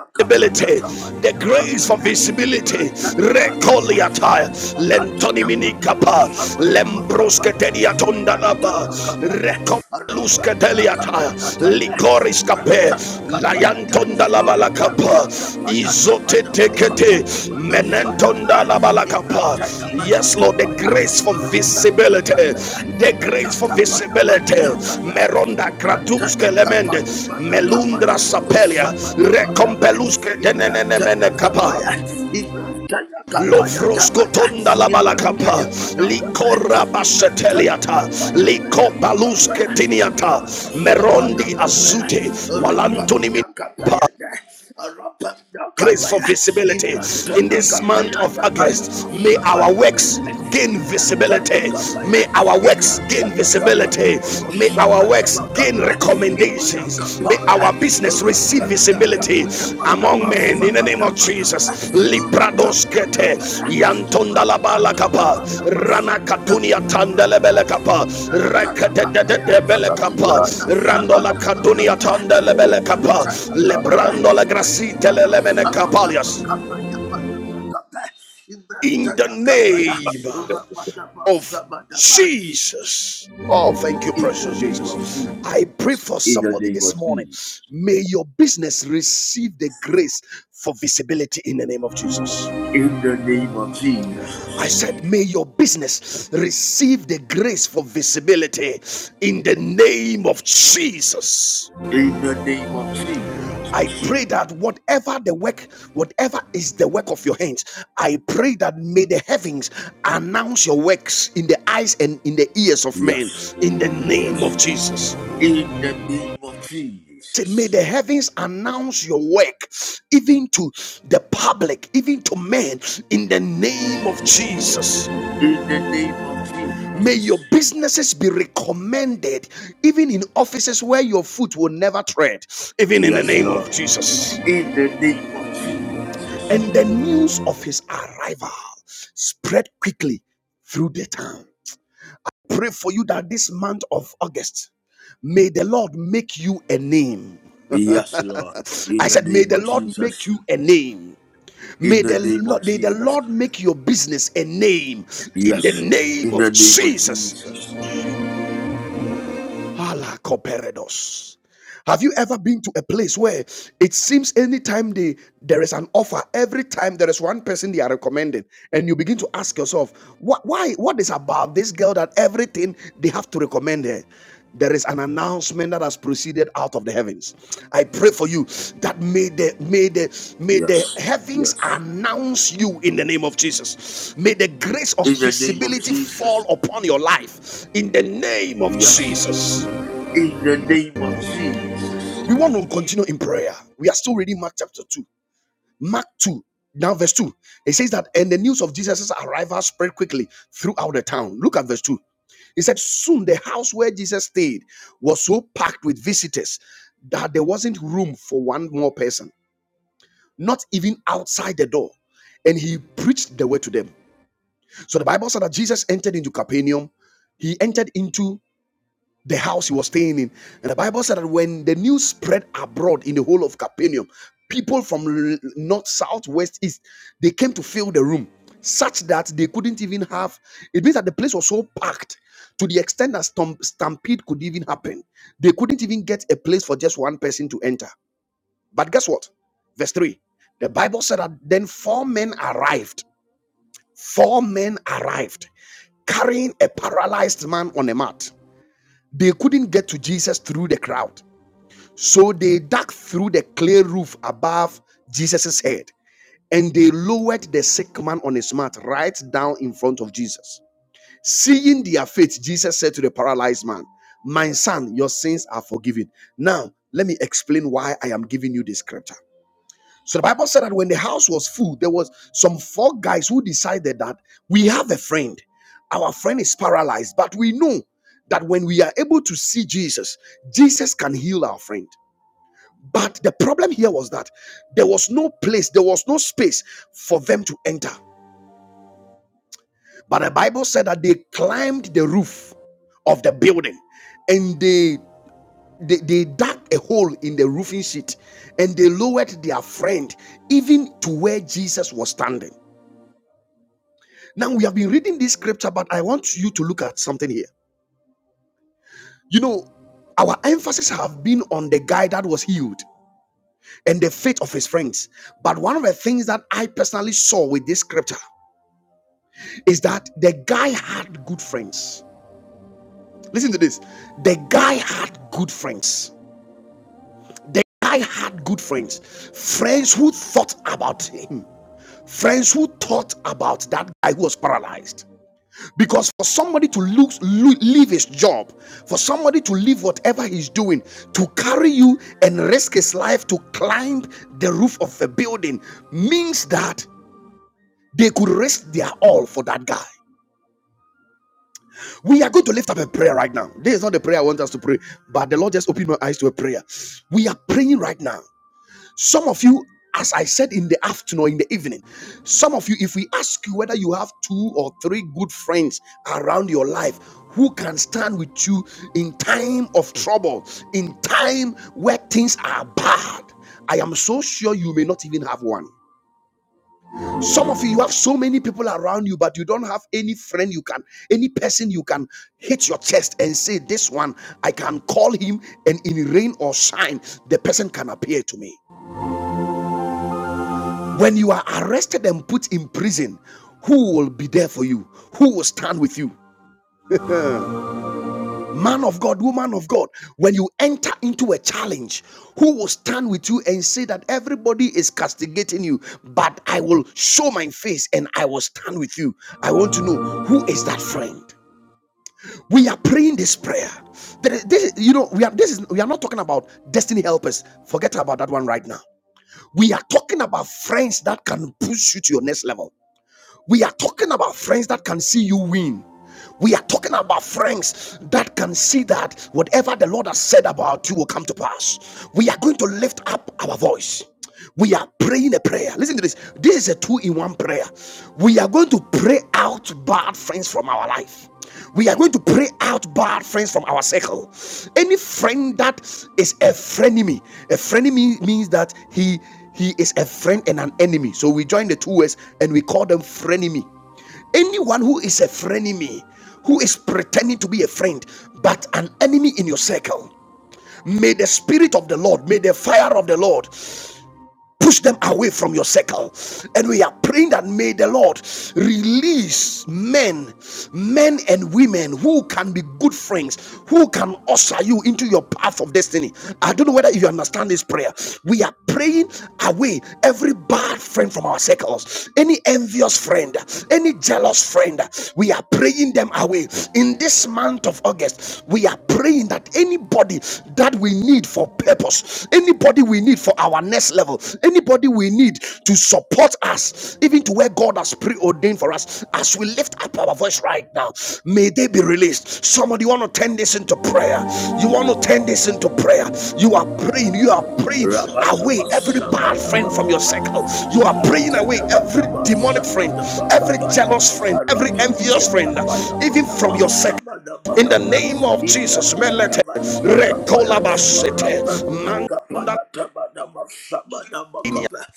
[SPEAKER 1] The grace for visibility. Recoliata. Lentoni minikapa. Lembroske tediatondalaba luskateliata likoris kape layantonda la balakapa izotetekete menentonda la balakapa
[SPEAKER 3] Ibrata Yamada
[SPEAKER 1] yes lord the
[SPEAKER 3] Kapaya,
[SPEAKER 1] grace for
[SPEAKER 3] Rapa
[SPEAKER 1] visibility
[SPEAKER 3] Kapaya,
[SPEAKER 1] the grace for
[SPEAKER 3] Ayakapaya
[SPEAKER 1] visibility
[SPEAKER 3] Madina
[SPEAKER 1] meronda
[SPEAKER 3] Ibrantaya
[SPEAKER 1] kratuske lemende
[SPEAKER 3] kapaya bada
[SPEAKER 1] melundra
[SPEAKER 3] kabado bodo
[SPEAKER 1] sapelia
[SPEAKER 3] sabada bakame.
[SPEAKER 1] rekompeluske denenene
[SPEAKER 3] Ibrantaya
[SPEAKER 1] kapa
[SPEAKER 3] kapaya. Ibrantaya kapaya
[SPEAKER 1] Lovrosko
[SPEAKER 3] tabada.
[SPEAKER 1] tonda la balakapa,
[SPEAKER 3] Ibrantaya bada kame.
[SPEAKER 1] likora
[SPEAKER 3] Ibrantaya
[SPEAKER 1] baseteliata,
[SPEAKER 3] kapaya bada
[SPEAKER 1] liko baluske
[SPEAKER 3] bakapaya.
[SPEAKER 1] tiniata,
[SPEAKER 3] Ibada sabada
[SPEAKER 1] merondi
[SPEAKER 3] kapaya.
[SPEAKER 1] azute, walantoni
[SPEAKER 3] Rapatiya
[SPEAKER 1] minipa.
[SPEAKER 3] kapaya de.
[SPEAKER 1] Grace for
[SPEAKER 3] kapaya.
[SPEAKER 1] visibility in
[SPEAKER 3] Ibrantaya
[SPEAKER 1] this month
[SPEAKER 3] kapaya
[SPEAKER 1] of
[SPEAKER 3] tabada
[SPEAKER 1] August. May our
[SPEAKER 3] masabada
[SPEAKER 1] works
[SPEAKER 3] kame.
[SPEAKER 1] gain
[SPEAKER 3] Ibrantaya
[SPEAKER 1] visibility.
[SPEAKER 3] kapaya.
[SPEAKER 1] May our works gain
[SPEAKER 3] Ibrantaya kapaya.
[SPEAKER 1] visibility. May our
[SPEAKER 3] Sabada
[SPEAKER 1] works gain
[SPEAKER 3] magabeh imada
[SPEAKER 1] recommendations. May
[SPEAKER 3] gabaya
[SPEAKER 1] our business receive
[SPEAKER 3] rubadada
[SPEAKER 1] visibility
[SPEAKER 3] gabaya
[SPEAKER 1] among men in the name
[SPEAKER 3] sabada
[SPEAKER 1] of
[SPEAKER 3] magabeh
[SPEAKER 1] Jesus Librados
[SPEAKER 3] imada
[SPEAKER 1] Kete
[SPEAKER 3] gabaya
[SPEAKER 1] Yantonda la bala kapa Rana
[SPEAKER 3] sabada
[SPEAKER 1] Katunia
[SPEAKER 3] magabeh
[SPEAKER 1] Tandele bele kapa
[SPEAKER 3] imada
[SPEAKER 1] Rekete
[SPEAKER 3] gabaya
[SPEAKER 1] bele
[SPEAKER 3] nadi
[SPEAKER 1] kapa
[SPEAKER 3] mata
[SPEAKER 1] Randola
[SPEAKER 3] sabada
[SPEAKER 1] Katunia
[SPEAKER 3] magabeh
[SPEAKER 1] Tandele bele kapa
[SPEAKER 3] imada gabaya
[SPEAKER 1] Lebrando la
[SPEAKER 3] nadi
[SPEAKER 1] grasite le
[SPEAKER 3] mata
[SPEAKER 1] lemene
[SPEAKER 3] sabada
[SPEAKER 1] kapalias
[SPEAKER 3] magabeh
[SPEAKER 1] In the
[SPEAKER 3] imada gabaya
[SPEAKER 1] name
[SPEAKER 3] rubadada
[SPEAKER 1] of
[SPEAKER 3] magabeh
[SPEAKER 1] Jesus. Oh, thank you,
[SPEAKER 3] in the
[SPEAKER 1] precious
[SPEAKER 3] name of
[SPEAKER 1] Jesus.
[SPEAKER 3] Jesus.
[SPEAKER 1] I pray for
[SPEAKER 3] In the
[SPEAKER 1] somebody
[SPEAKER 3] name
[SPEAKER 1] this
[SPEAKER 3] of
[SPEAKER 1] morning.
[SPEAKER 3] Jesus.
[SPEAKER 1] May your business receive the grace for visibility in the name of Jesus.
[SPEAKER 3] In the name of
[SPEAKER 1] I
[SPEAKER 3] Jesus.
[SPEAKER 1] said, may your business receive the grace for visibility in the name of Jesus.
[SPEAKER 3] In the name of Jesus.
[SPEAKER 1] I pray that whatever the work, whatever is the work of your hands, I pray that may the heavens announce your works in the eyes and in the ears of men
[SPEAKER 3] Yes.
[SPEAKER 1] in the
[SPEAKER 3] Yes.
[SPEAKER 1] name of Jesus.
[SPEAKER 3] In the name of
[SPEAKER 1] Said, May
[SPEAKER 3] Jesus.
[SPEAKER 1] the heavens announce your work even to the public, even to men, in the name of Jesus.
[SPEAKER 3] In the name of
[SPEAKER 1] May
[SPEAKER 3] Jesus.
[SPEAKER 1] your businesses be recommended, even in offices where your foot will never tread, even in the
[SPEAKER 3] Yes,
[SPEAKER 1] name of
[SPEAKER 3] Lord.
[SPEAKER 1] Jesus.
[SPEAKER 3] In the name of Jesus.
[SPEAKER 1] And the news of his arrival spread quickly through the town. Pray for you that this month of August, may the Lord make you a name.
[SPEAKER 3] Yes, Lord. In
[SPEAKER 1] I
[SPEAKER 3] the
[SPEAKER 1] said, may
[SPEAKER 3] name
[SPEAKER 1] the
[SPEAKER 3] of
[SPEAKER 1] Lord make
[SPEAKER 3] Jesus.
[SPEAKER 1] you a name.
[SPEAKER 3] In
[SPEAKER 1] May
[SPEAKER 3] the
[SPEAKER 1] the,
[SPEAKER 3] name of
[SPEAKER 1] Lord, may the
[SPEAKER 3] Jesus.
[SPEAKER 1] Lord make your business a name in the
[SPEAKER 3] Yes.
[SPEAKER 1] name
[SPEAKER 3] In the
[SPEAKER 1] of
[SPEAKER 3] name of
[SPEAKER 1] Jesus.
[SPEAKER 3] Jesus.
[SPEAKER 1] Hala koperedos. Have you ever been to a place where it seems anytime they there is an offer, every time there is one person they are recommending, and you begin to ask yourself, what why what is about this girl that everything they have to recommend her? There there is an announcement that has proceeded out of the heavens. I pray for you that may the may the may the
[SPEAKER 3] Yes. Yes.
[SPEAKER 1] heavens announce you in the name of Jesus. May the grace of
[SPEAKER 3] In the name of
[SPEAKER 1] visibility
[SPEAKER 3] Jesus.
[SPEAKER 1] fall upon your life in the name of
[SPEAKER 3] Yes.
[SPEAKER 1] Jesus.
[SPEAKER 3] In the name of Jesus.
[SPEAKER 1] We want to continue in prayer. We are still reading Mark chapter 2. Mark 2, now verse 2. It says that, and the news of Jesus' arrival spread quickly throughout the town. Look at verse 2. It said, Soon the house where Jesus stayed was so packed with visitors that there wasn't room for one more person, not even outside the door. And he preached the word to them. So the Bible said that Jesus entered into Capernaum. He entered into the house he was staying in. And the Bible said that when the news spread abroad in the whole of Capernaum, people from l- north, south, west, east, they came to fill the room such that they couldn't even have. It means that the place was so packed to the extent that stom- stampede could even happen. They couldn't even get a place for just one person to enter. But guess what? Verse 3. The Bible said that then four men arrived. Four men arrived carrying a paralyzed man on a mat. They couldn't get to Jesus through the crowd. So they dug through the clay roof above Jesus' head and they lowered the sick man on his mat right down in front of Jesus. Seeing their faith, Jesus said to the paralyzed man, My son, your sins are forgiven. Now, let me explain why I am giving you this scripture. So the Bible said that when the house was full, there was some four guys who decided that we have a friend. Our friend is paralyzed, but we know that when we are able to see Jesus, Jesus can heal our friend. But the problem here was that there was no place, there was no space for them to enter. But the Bible said that they climbed the roof of the building and they they, they dug a hole in the roofing sheet and they lowered their friend even to where Jesus was standing. Now we have been reading this scripture, but I want you to look at something here. You know, our emphasis have been on the guy that was healed and the faith of his friends. But one of the things that I personally saw with this scripture is that the guy had good friends. Listen to this. The guy had good friends. The guy had good friends. Friends who thought about him. Friends who thought about that guy who was paralyzed Because for somebody to lose, leave his job, for somebody to leave whatever he's doing, to carry you and risk his life to climb the roof of a building means that they could risk their all for that guy. We are going to lift up a prayer right now. This is not the prayer I want us to pray, but the Lord just opened my eyes to a prayer. We are praying right now. Some of you, as I said in the afternoon or in the evening, some of you, if we ask you whether you have two or three good friends around your life who can stand with you in time of trouble, in time where things are bad, I am so sure you may not even have one. Some of you, you have so many people around you, but you don't have any friend you can, any person you can hit your chest and say, This one, I can call him, and in rain or shine, the person can appear to me. When you are arrested and put in prison, who will be there for you? Who will stand with you? Man of God, woman of God, when you enter into a challenge, who will stand with you and say that everybody is castigating you, but I will show my face and I will stand with you? I want to know who is that friend? we are praying this prayer this you know we are this is we are not talking about destiny helpers forget about that one right now we are talking about friends that can push you to your next level We are talking about friends that can see you win. We are talking about friends that can see that whatever the Lord has said about you will come to pass. We are going to lift up our voice. We are praying a prayer. Listen to this. This is a two in one prayer. We are going to pray out bad friends from our life we are going to pray out bad friends from our circle. Any friend that is a frenemy, a frenemy means that he he is a friend and an enemy. So we join the two words and we call them frenemy. Anyone who is a frenemy, who is pretending to be a friend but an enemy in your circle, may the spirit of the Lord, may the fire of the Lord push them away from your circle. And we are praying that may the Lord release men, men and women who can be good friends, who can usher you into your path of destiny. I don't know whether you understand this prayer. We are praying away every bad friend from our circles, any envious friend, any jealous friend. We are praying them away. In this month of August, we are praying that anybody that that we need for purpose, anybody we need for our next level, anybody we need to support us, even to where God has preordained for us, as we lift up our voice right now, may they be released. Somebody want to turn this into prayer. You want to turn this into prayer. You are praying, you are praying away every bad friend from your
[SPEAKER 3] Rabadabashabadabakaba.
[SPEAKER 1] circle. You are praying away every demonic friend, every
[SPEAKER 3] Ibrantagabagabashabagabakabaya.
[SPEAKER 1] jealous friend, every
[SPEAKER 3] Arapatia
[SPEAKER 1] envious friend,
[SPEAKER 3] kapaya,
[SPEAKER 1] even from your circle in the
[SPEAKER 3] badabashabagabakaba.
[SPEAKER 1] name of Jesus, melete
[SPEAKER 3] Ibrantagabania kapaya,
[SPEAKER 1] rekolabasete
[SPEAKER 3] Arapanda kapaya,
[SPEAKER 1] mandalinia
[SPEAKER 3] tabadabashabagabakaba.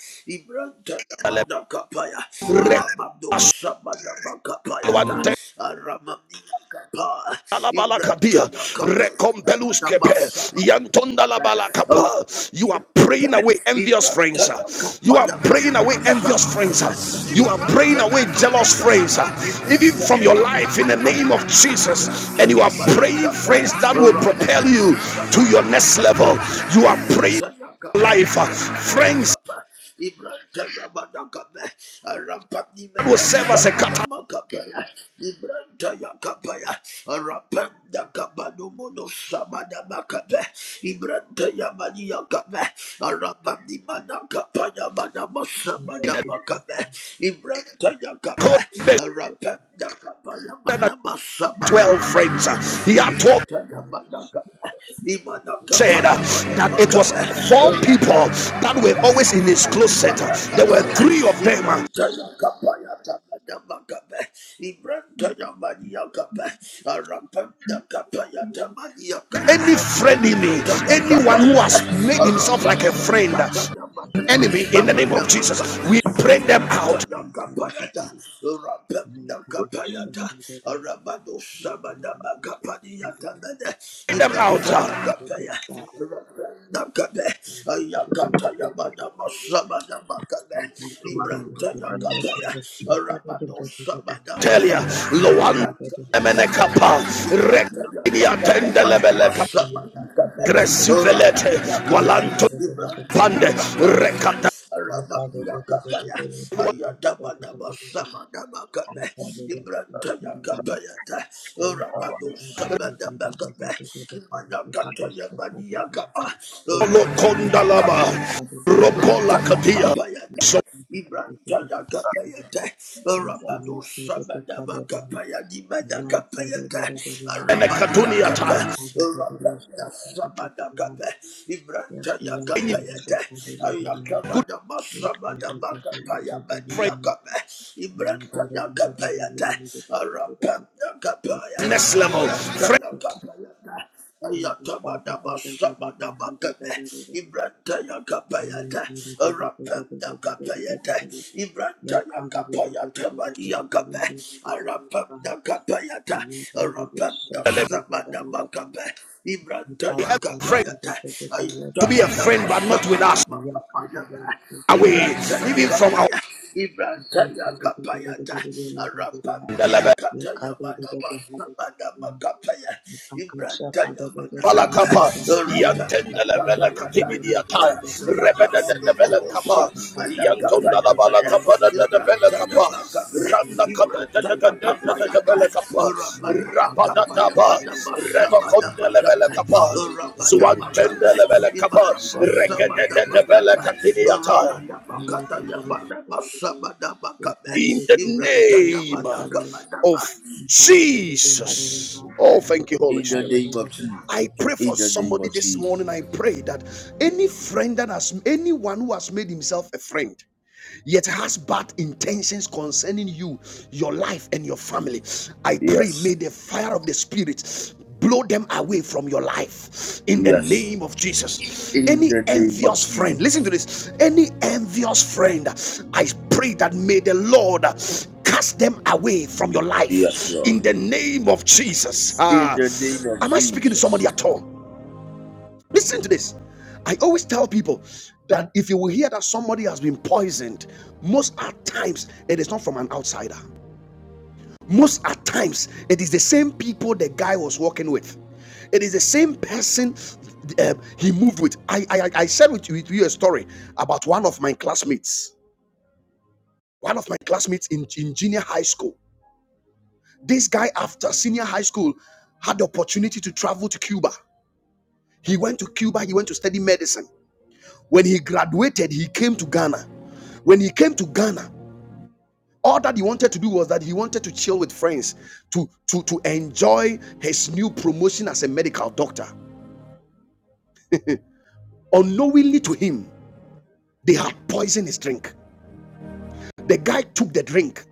[SPEAKER 1] le
[SPEAKER 3] Ibrantagabadakapaya.
[SPEAKER 1] rekolabasete
[SPEAKER 3] Rabadoshabagabakapayata. Aramania kapaya,
[SPEAKER 1] Alabalakadia,
[SPEAKER 3] Ibranta
[SPEAKER 1] rekombeluskepe, yantonalabalakapa. You are praying away envious
[SPEAKER 3] Ibrantaya
[SPEAKER 1] friends.
[SPEAKER 3] kapa
[SPEAKER 1] You are
[SPEAKER 3] ya
[SPEAKER 1] praying away
[SPEAKER 3] madamasa
[SPEAKER 1] envious friends.
[SPEAKER 3] madame
[SPEAKER 1] You are praying
[SPEAKER 3] Ibrantaya
[SPEAKER 1] away
[SPEAKER 3] madamaka
[SPEAKER 1] jealous
[SPEAKER 3] ba
[SPEAKER 1] friends, even from
[SPEAKER 3] Ibrantaya
[SPEAKER 1] your life in the
[SPEAKER 3] madamaka
[SPEAKER 1] name
[SPEAKER 3] ba
[SPEAKER 1] of Jesus. And you
[SPEAKER 3] Ibrantaya
[SPEAKER 1] are praying
[SPEAKER 3] madamaka ba
[SPEAKER 1] friends that will
[SPEAKER 3] Rapa
[SPEAKER 1] propel you
[SPEAKER 3] damasa
[SPEAKER 1] to your next
[SPEAKER 3] madamaka ba
[SPEAKER 1] level. You are praying
[SPEAKER 3] Ibrantaya kapa ya
[SPEAKER 1] life, friends
[SPEAKER 3] madamaka ba Ibrantaya madamaka ba Rapa ni
[SPEAKER 1] that will serve
[SPEAKER 3] madamasa
[SPEAKER 1] as a catalyst.
[SPEAKER 3] madamaka ba Ibrantaya kapa ya Rapa dakaba no mono sama damaka ba Ibrantaya madia kabe. Ibrahim
[SPEAKER 1] In the 12 friends.
[SPEAKER 5] Thank
[SPEAKER 1] He had 12 said uh, that it was four people that were always in his closet. Uh, There were three of them. uh,
[SPEAKER 3] Tanya Maniakabe, Arapam Dakapaya Tamaniakabe,
[SPEAKER 1] Any
[SPEAKER 6] um,
[SPEAKER 1] friend in me,
[SPEAKER 6] you
[SPEAKER 3] Ibranta
[SPEAKER 1] anyone who has made himself like a friend, uh, an enemy in the name of Jesus, we pray them out.
[SPEAKER 6] know,
[SPEAKER 1] Pray them out. uh,
[SPEAKER 3] Yakapaya, Nakabe, Ayakata Yamada Masabada Makabe, Ibranta Yakabaya, Arabado Sabada
[SPEAKER 1] Tell you,
[SPEAKER 3] Makabe,
[SPEAKER 1] Loan
[SPEAKER 3] Ibranta Yakabaya,
[SPEAKER 1] Emenekapa,
[SPEAKER 3] Ibranta
[SPEAKER 1] Rekinia
[SPEAKER 3] Yakabaya, Madama
[SPEAKER 1] Tendelebeleka,
[SPEAKER 3] Sabada Kabe,
[SPEAKER 1] Gresivelete,
[SPEAKER 3] Ramadi Yakabe,
[SPEAKER 1] Walanto
[SPEAKER 3] Ibranta
[SPEAKER 1] Pande,
[SPEAKER 3] Yakabaya,
[SPEAKER 5] you.
[SPEAKER 1] Rekata,
[SPEAKER 5] Yes,
[SPEAKER 3] Ramadi Yakabaya, Ayadabada Masabada Makabe, Ibranta Yakabaya, Ramado Sabada Makabe, Anakatayabaniakapa, Rapandakapaya,
[SPEAKER 1] Lokondalaba, Ropola Katia.
[SPEAKER 3] Ibrantayakapayata,
[SPEAKER 1] So
[SPEAKER 3] Ibrantayakapayata, Rabadosamadabakapaya,
[SPEAKER 5] yes,
[SPEAKER 3] Dimadakapayata,
[SPEAKER 1] and a Katunia
[SPEAKER 3] Arabadiakapa,
[SPEAKER 1] tire.
[SPEAKER 3] Rabandasamadakapa,
[SPEAKER 1] Bringing
[SPEAKER 3] Ibrantayakapayata,
[SPEAKER 1] good
[SPEAKER 3] Ayakamadamasamadabakapaya,
[SPEAKER 1] friend?
[SPEAKER 3] Maniakapa,
[SPEAKER 5] Yeah,
[SPEAKER 3] Ibrantayakapayata, Arapandakapaya,
[SPEAKER 1] next level. Friend
[SPEAKER 3] Ibrantayakapayata,
[SPEAKER 1] delivery,
[SPEAKER 3] Ibrantaya Ibrantaya
[SPEAKER 1] every friend
[SPEAKER 3] kapayata,
[SPEAKER 1] to be a
[SPEAKER 3] ayatama nama
[SPEAKER 1] friend, but not
[SPEAKER 3] sama
[SPEAKER 1] with us
[SPEAKER 3] nama kapayata,
[SPEAKER 1] away,
[SPEAKER 3] Ibrantaya
[SPEAKER 1] even from our
[SPEAKER 3] kapaya, Ibrantaya kapayata, Arampania
[SPEAKER 1] level?
[SPEAKER 5] Shaka
[SPEAKER 3] kataya mana sama nama kapaya, Ibrantaya mana kapaya,
[SPEAKER 1] Balakapa,
[SPEAKER 3] Arampania
[SPEAKER 1] Yantenda la Bella
[SPEAKER 3] kapayata.
[SPEAKER 1] Capimidia Tire, Rebeda de Bella Capa, Yantonda la Balacapa de Bella Capa, Randa Cata de Bella Capa, Rapada Tapa, Remoconda la Bella Capa, Zuantenda la Bella Capa, Recadeta de Bella Capimidia in the name of Jesus. Oh, thank you,
[SPEAKER 5] Jesus'
[SPEAKER 1] Holy
[SPEAKER 3] In the
[SPEAKER 1] Spirit.
[SPEAKER 3] name of Jesus.
[SPEAKER 1] I pray for
[SPEAKER 3] In the name
[SPEAKER 1] somebody
[SPEAKER 3] of
[SPEAKER 1] this
[SPEAKER 3] Jesus.
[SPEAKER 5] mighty
[SPEAKER 1] morning. I
[SPEAKER 5] name.
[SPEAKER 1] pray that any friend that has anyone who has made himself a friend yet has bad intentions concerning you, your life, and your family. I pray,
[SPEAKER 3] Yes.
[SPEAKER 1] may the fire of the Spirit blow them away from your life in the
[SPEAKER 3] Yes.
[SPEAKER 1] name of Jesus.
[SPEAKER 3] In
[SPEAKER 1] Any
[SPEAKER 3] the name of
[SPEAKER 1] envious
[SPEAKER 3] Jesus.
[SPEAKER 1] friend, listen to this. Any envious friend, I pray that may the Lord cast them away from your
[SPEAKER 3] Yes,
[SPEAKER 1] life in
[SPEAKER 3] Lord.
[SPEAKER 1] the name of Jesus.
[SPEAKER 3] In
[SPEAKER 1] Ah,
[SPEAKER 3] the name of
[SPEAKER 1] am I speaking to
[SPEAKER 3] Jesus.
[SPEAKER 1] somebody at all? Listen to this. I always tell people that if you will hear that somebody has been poisoned, most at times it is not from an outsider. Most at times it is the same people the guy was working with. It is the same person um, he moved with. I I, I I shared with you, with you a story about one of my classmates. One of my classmates in, in junior high school. This guy, after senior high school, had the opportunity to travel to Cuba. He went to Cuba. He went to study medicine When he graduated, he came to Ghana. When he came to Ghana, all that he wanted to do was that he wanted to chill with friends, to, to, to enjoy his new promotion as a medical doctor. Unknowingly to him, they had poisoned his drink. The guy took the drink.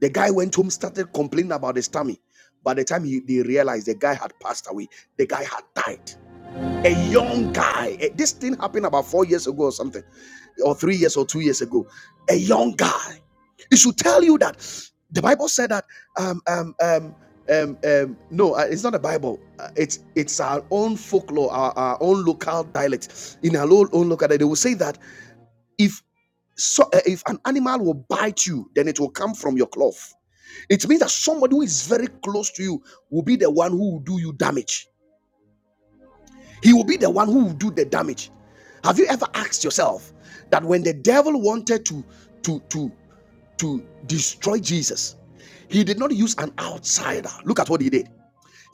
[SPEAKER 1] The guy went home, started complaining about his tummy. By the time he, they realized the guy had passed away, the guy had died. a young guy. eh, This thing happened about four years ago or something, or three years or two years ago. A young guy. It should tell you that the Bible said that. Um, um, um, um, um, no, uh, it's not the Bible. Uh, It's it's our own folklore, our, our own local dialect. In our own, local dialect, they will say that if so, uh, if an animal will bite you, then it will come from your cloth. It means that somebody who is very close to you will be the one who will do you damage. He will be the one who will do the damage. Have you ever asked yourself that when the devil wanted to to to to destroy Jesus, he did not use an outsider. Look at what he did.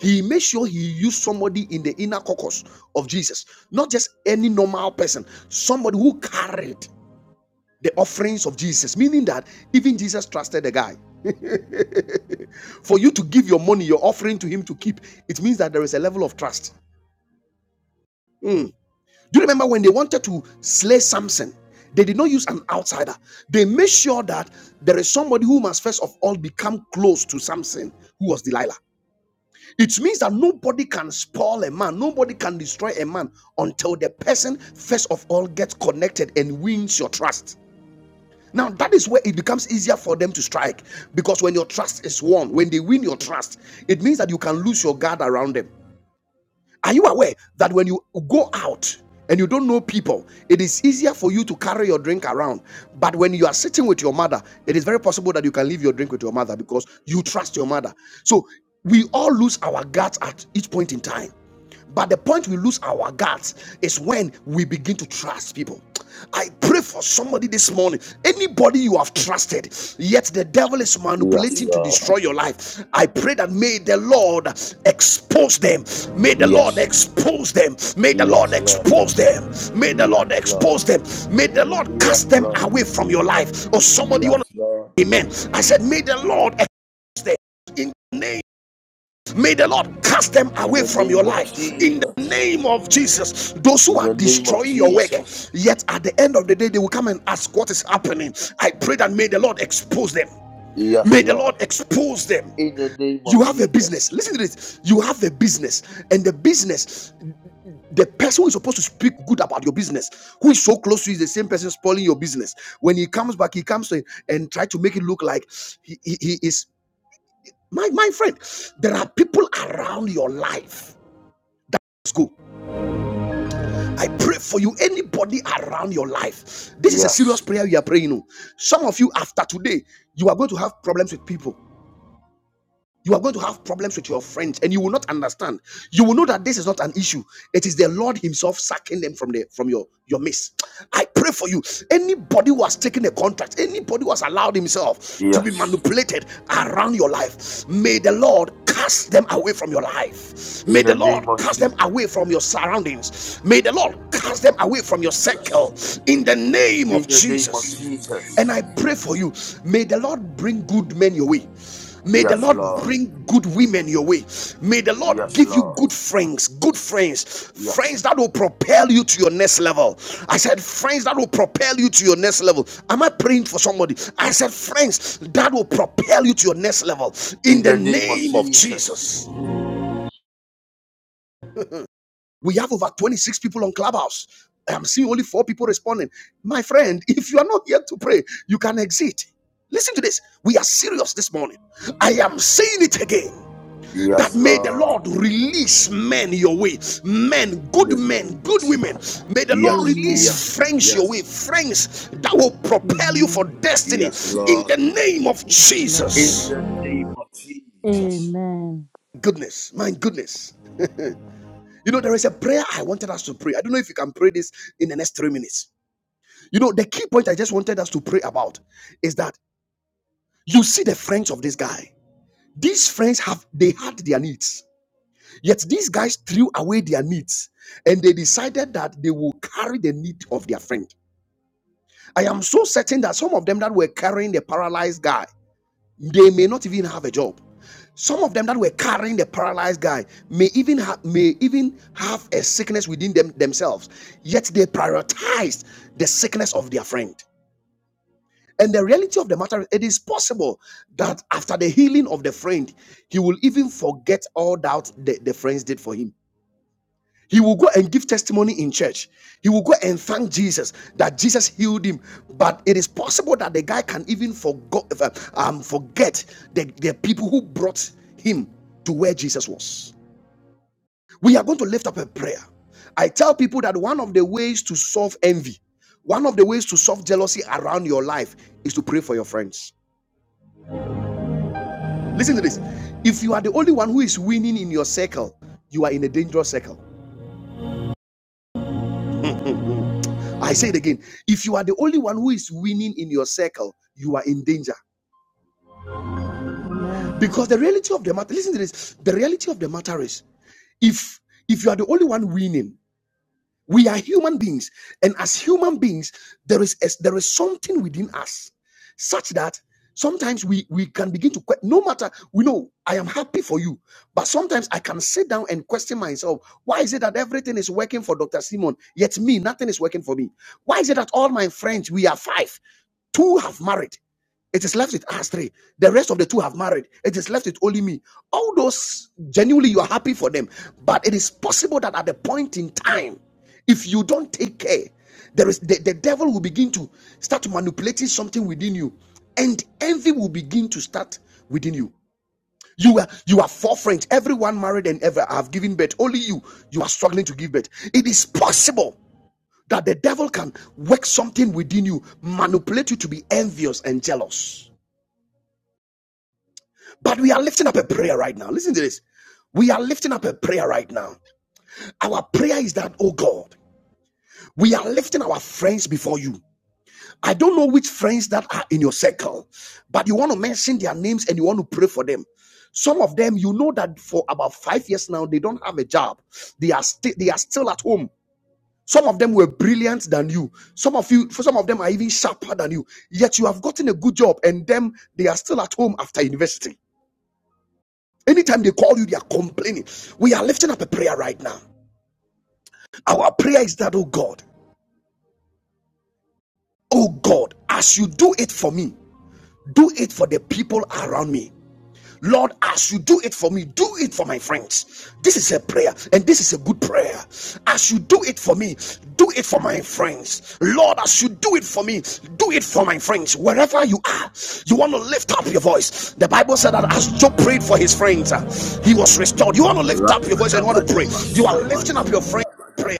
[SPEAKER 1] He made sure he used somebody in the inner caucus of Jesus, not just any normal person, somebody who carried the offerings of Jesus, meaning that even Jesus trusted the guy. For you to give your money, your offering to him to keep, it means that there is a level of trust. Hmm. Do you remember when they wanted to slay Samson? They did not use an outsider. They made sure that there is somebody who must first of all become close to Samson, who was Delilah. It means that nobody can spoil a man, nobody can destroy a man until the person first of all gets connected and wins your trust. Now that is where it becomes easier for them to strike because when your trust is won, when they win your trust, it means that you can lose your guard around them. Are you aware that when you go out and you don't know people, it is easier for you to carry your drink around? But when you are sitting with your mother, it is very possible that you can leave your drink with your mother because you trust your mother. So we all lose our guts at each point in time. But the point we lose our guts is when we begin to trust people. I pray for somebody this morning. Anybody you have trusted, yet the devil is
[SPEAKER 3] Yes,
[SPEAKER 1] manipulating to
[SPEAKER 3] Lord.
[SPEAKER 1] destroy your life. I pray that may the Lord expose them. May the Lord
[SPEAKER 3] Yes.
[SPEAKER 1] expose them. May the Lord
[SPEAKER 3] Yes, Lord.
[SPEAKER 1] expose them. May the
[SPEAKER 3] Yes,
[SPEAKER 1] Lord
[SPEAKER 3] Lord.
[SPEAKER 1] expose them. May the Lord
[SPEAKER 3] Yes,
[SPEAKER 1] cast them
[SPEAKER 3] Lord.
[SPEAKER 1] away from your life. Or somebody you
[SPEAKER 3] Yes,
[SPEAKER 1] want
[SPEAKER 3] Lord.
[SPEAKER 1] to amen. I said, may the Lord expose them in the name May the Lord cast them
[SPEAKER 3] In
[SPEAKER 1] away
[SPEAKER 3] the
[SPEAKER 1] from your
[SPEAKER 3] name of
[SPEAKER 1] life in the
[SPEAKER 3] Jesus.
[SPEAKER 1] name of Jesus. Those who
[SPEAKER 3] In
[SPEAKER 1] are
[SPEAKER 3] the name of
[SPEAKER 1] destroying your work,
[SPEAKER 3] Jesus.
[SPEAKER 1] yet at the end of the day, they will come and ask what is happening. I pray that may the Lord expose them.
[SPEAKER 3] Yes,
[SPEAKER 1] May the
[SPEAKER 3] Lord.
[SPEAKER 1] Lord expose them.
[SPEAKER 3] In the name of
[SPEAKER 1] You have a business.
[SPEAKER 3] Jesus.
[SPEAKER 1] Listen to this. You have a business, and the business, the person who is supposed to speak good about your business, who is so close to you, is the same person spoiling your business. When he comes back, he comes to and try to make it look like he, he he is my my friend. There are people around your life go. I pray for you, anybody around your life. This is a
[SPEAKER 3] Yes.
[SPEAKER 1] serious prayer we are praying. oh. Some of you, after today, you are going to have problems with people. You are going to have problems with your friends and you will not understand. You will know that this is not an issue. It is the Lord Himself sacking them from the from your, your midst. I pray for you. Anybody who has taken a contract, anybody who has allowed himself to be
[SPEAKER 3] Yes.
[SPEAKER 1] manipulated around your life, may the Lord cast them away from your life.
[SPEAKER 3] In
[SPEAKER 1] May the
[SPEAKER 3] the
[SPEAKER 1] Lord
[SPEAKER 3] name of
[SPEAKER 1] cast them away from your surroundings. May the Lord cast them away from your
[SPEAKER 3] Jesus.
[SPEAKER 1] circle in the name
[SPEAKER 3] In
[SPEAKER 1] of
[SPEAKER 3] the name of
[SPEAKER 1] Jesus. And
[SPEAKER 3] Jesus.
[SPEAKER 1] I pray for you. May the Lord bring good men your way. May the
[SPEAKER 3] Yes,
[SPEAKER 1] Lord
[SPEAKER 3] Lord.
[SPEAKER 1] bring good women your way. May the Lord
[SPEAKER 3] Yes,
[SPEAKER 1] give you
[SPEAKER 3] Lord.
[SPEAKER 1] good friends, good friends,
[SPEAKER 3] Yes.
[SPEAKER 1] friends that will propel you to your next level. I said, friends that will propel you to your next level. Am I praying for somebody? I said, friends that will propel you to your next level
[SPEAKER 3] In
[SPEAKER 1] in the
[SPEAKER 3] the name of
[SPEAKER 1] name of
[SPEAKER 3] Jesus.
[SPEAKER 1] Jesus. We have over 26 people on Clubhouse. I'm seeing only four people responding. My friend, if you are not here to pray, you can exit. Listen to this. We are serious this morning. I am saying it again that
[SPEAKER 3] Yes,
[SPEAKER 1] may the
[SPEAKER 3] Lord.
[SPEAKER 1] Lord release men your way, men,
[SPEAKER 3] In
[SPEAKER 1] good
[SPEAKER 3] the
[SPEAKER 1] men,
[SPEAKER 3] name of
[SPEAKER 1] good
[SPEAKER 3] Jesus.
[SPEAKER 1] women. May the Lord
[SPEAKER 3] Yes,
[SPEAKER 7] Amen.
[SPEAKER 1] release
[SPEAKER 3] yes,
[SPEAKER 1] friends your
[SPEAKER 3] yes,
[SPEAKER 1] way, friends that will propel you for
[SPEAKER 7] Amen.
[SPEAKER 1] destiny
[SPEAKER 3] yes,
[SPEAKER 1] in the
[SPEAKER 3] Lord.
[SPEAKER 1] name of
[SPEAKER 7] Yes, Lord.
[SPEAKER 3] In
[SPEAKER 1] Jesus.
[SPEAKER 3] the name of Jesus.
[SPEAKER 7] Amen.
[SPEAKER 1] Goodness, my goodness. You know, there is a prayer I wanted us to pray. I don't know if you can pray this in the next three minutes. You know, the key point I just wanted us to pray about is that you see the friends of this guy. These friends have they had their needs, yet these guys threw away their needs and they decided that they will carry the need of their friend. I am so certain that some of them that were carrying the paralyzed guy, they may not even have a job. Some of them that were carrying the paralyzed guy may even ha- may even have a sickness within them themselves, yet they prioritized the sickness of their friend. And the reality of the matter, it is possible that after the healing of the friend, he will even forget all that the, the friends did for him. He will go and give testimony in church. He will go and thank Jesus that Jesus healed him. But it is possible that the guy can even forgot, um, forget the, the people who brought him to where Jesus was. We are going to lift up a prayer. I tell people that one of the ways to solve envy, one of the ways to solve jealousy around your life is to pray for your friends Listen to this. If you are the only one who is winning in your circle, you are in a dangerous circle. I say it again. If you are the only one who is winning in your circle, you are in danger.
[SPEAKER 7] Amen.
[SPEAKER 1] Because the reality of the matter, listen to this. The reality of the matter is if if you are the only one winning, We are human beings, and as human beings, there is a- there is something within us such that sometimes we we can begin to question. no matter we know I am happy for you, but sometimes I can sit down and question myself: Why is it that everything is working for Doctor Simon, yet me nothing is working for me? Why is it that all my friends we are five, two have married? It is left with us three. The rest of the two have married. It is left with only me. All those genuinely you are happy for them. But it is possible that at the point in time, if you don't take care, there is the, the devil will begin to start manipulating something within you, and envy will begin to start within you. You are you are four friends. Everyone married and ever have given birth. Only you you are struggling to give birth. It is possible that the devil can work something within you, manipulate you to be envious and jealous But we are lifting up a prayer right now. Listen to this. We are lifting up a prayer right now. Our prayer is that, oh God, we are lifting our friends before you. I don't know which friends that are in your circle, but you want to mention their names and you want to pray for them. Some of them, you know that for about five years now, they don't have a job. They are still they are still at home. Some of them were brilliant than you. Some of you, for some of them are even sharper than you. Yet you have gotten a good job, and them they are still at home after university. Anytime they call you, they are complaining. We are lifting up a prayer right now. Our prayer is that, oh God, oh God, as you do it for me, do it for the people around me. Lord, as you do it for me, do it for my friends. This is a prayer, and this is a good prayer. As you do it for me, do it for my friends. Lord, as you do it for me, do it for my friends. Wherever you are, you want to lift up your voice. The Bible said that as Job prayed for his friends, uh, he was restored. You want to lift
[SPEAKER 3] Ibrahim
[SPEAKER 1] up your voice and you want to pray. You are lifting up your friend prayer.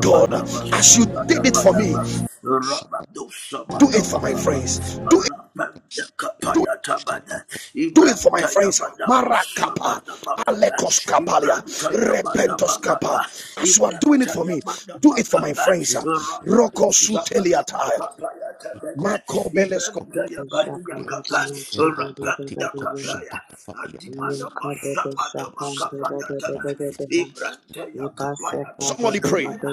[SPEAKER 1] God, as you did it for me,
[SPEAKER 8] Shut
[SPEAKER 1] do it for my friends. Do it.
[SPEAKER 8] up, shut up,
[SPEAKER 1] Do it for my friends. Marakapa, Alekos
[SPEAKER 8] shut
[SPEAKER 1] Kapalia,
[SPEAKER 8] up.
[SPEAKER 1] Repentos Kapa. As you are doing it for me, do it for my friends.
[SPEAKER 8] It from my friend
[SPEAKER 1] Roko
[SPEAKER 8] in the name of
[SPEAKER 1] Suteliata,
[SPEAKER 8] Jesus. It could
[SPEAKER 1] Mako
[SPEAKER 8] shut it,
[SPEAKER 1] Belesko.
[SPEAKER 8] could
[SPEAKER 5] Shaka
[SPEAKER 8] be a rapati, could shut up about the papiatas.
[SPEAKER 9] good
[SPEAKER 8] Shut up around the papiatas. Patripaco,
[SPEAKER 1] Somebody
[SPEAKER 8] shut
[SPEAKER 1] pray.
[SPEAKER 8] up,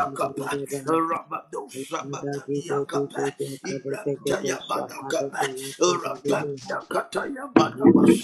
[SPEAKER 8] racatiatas.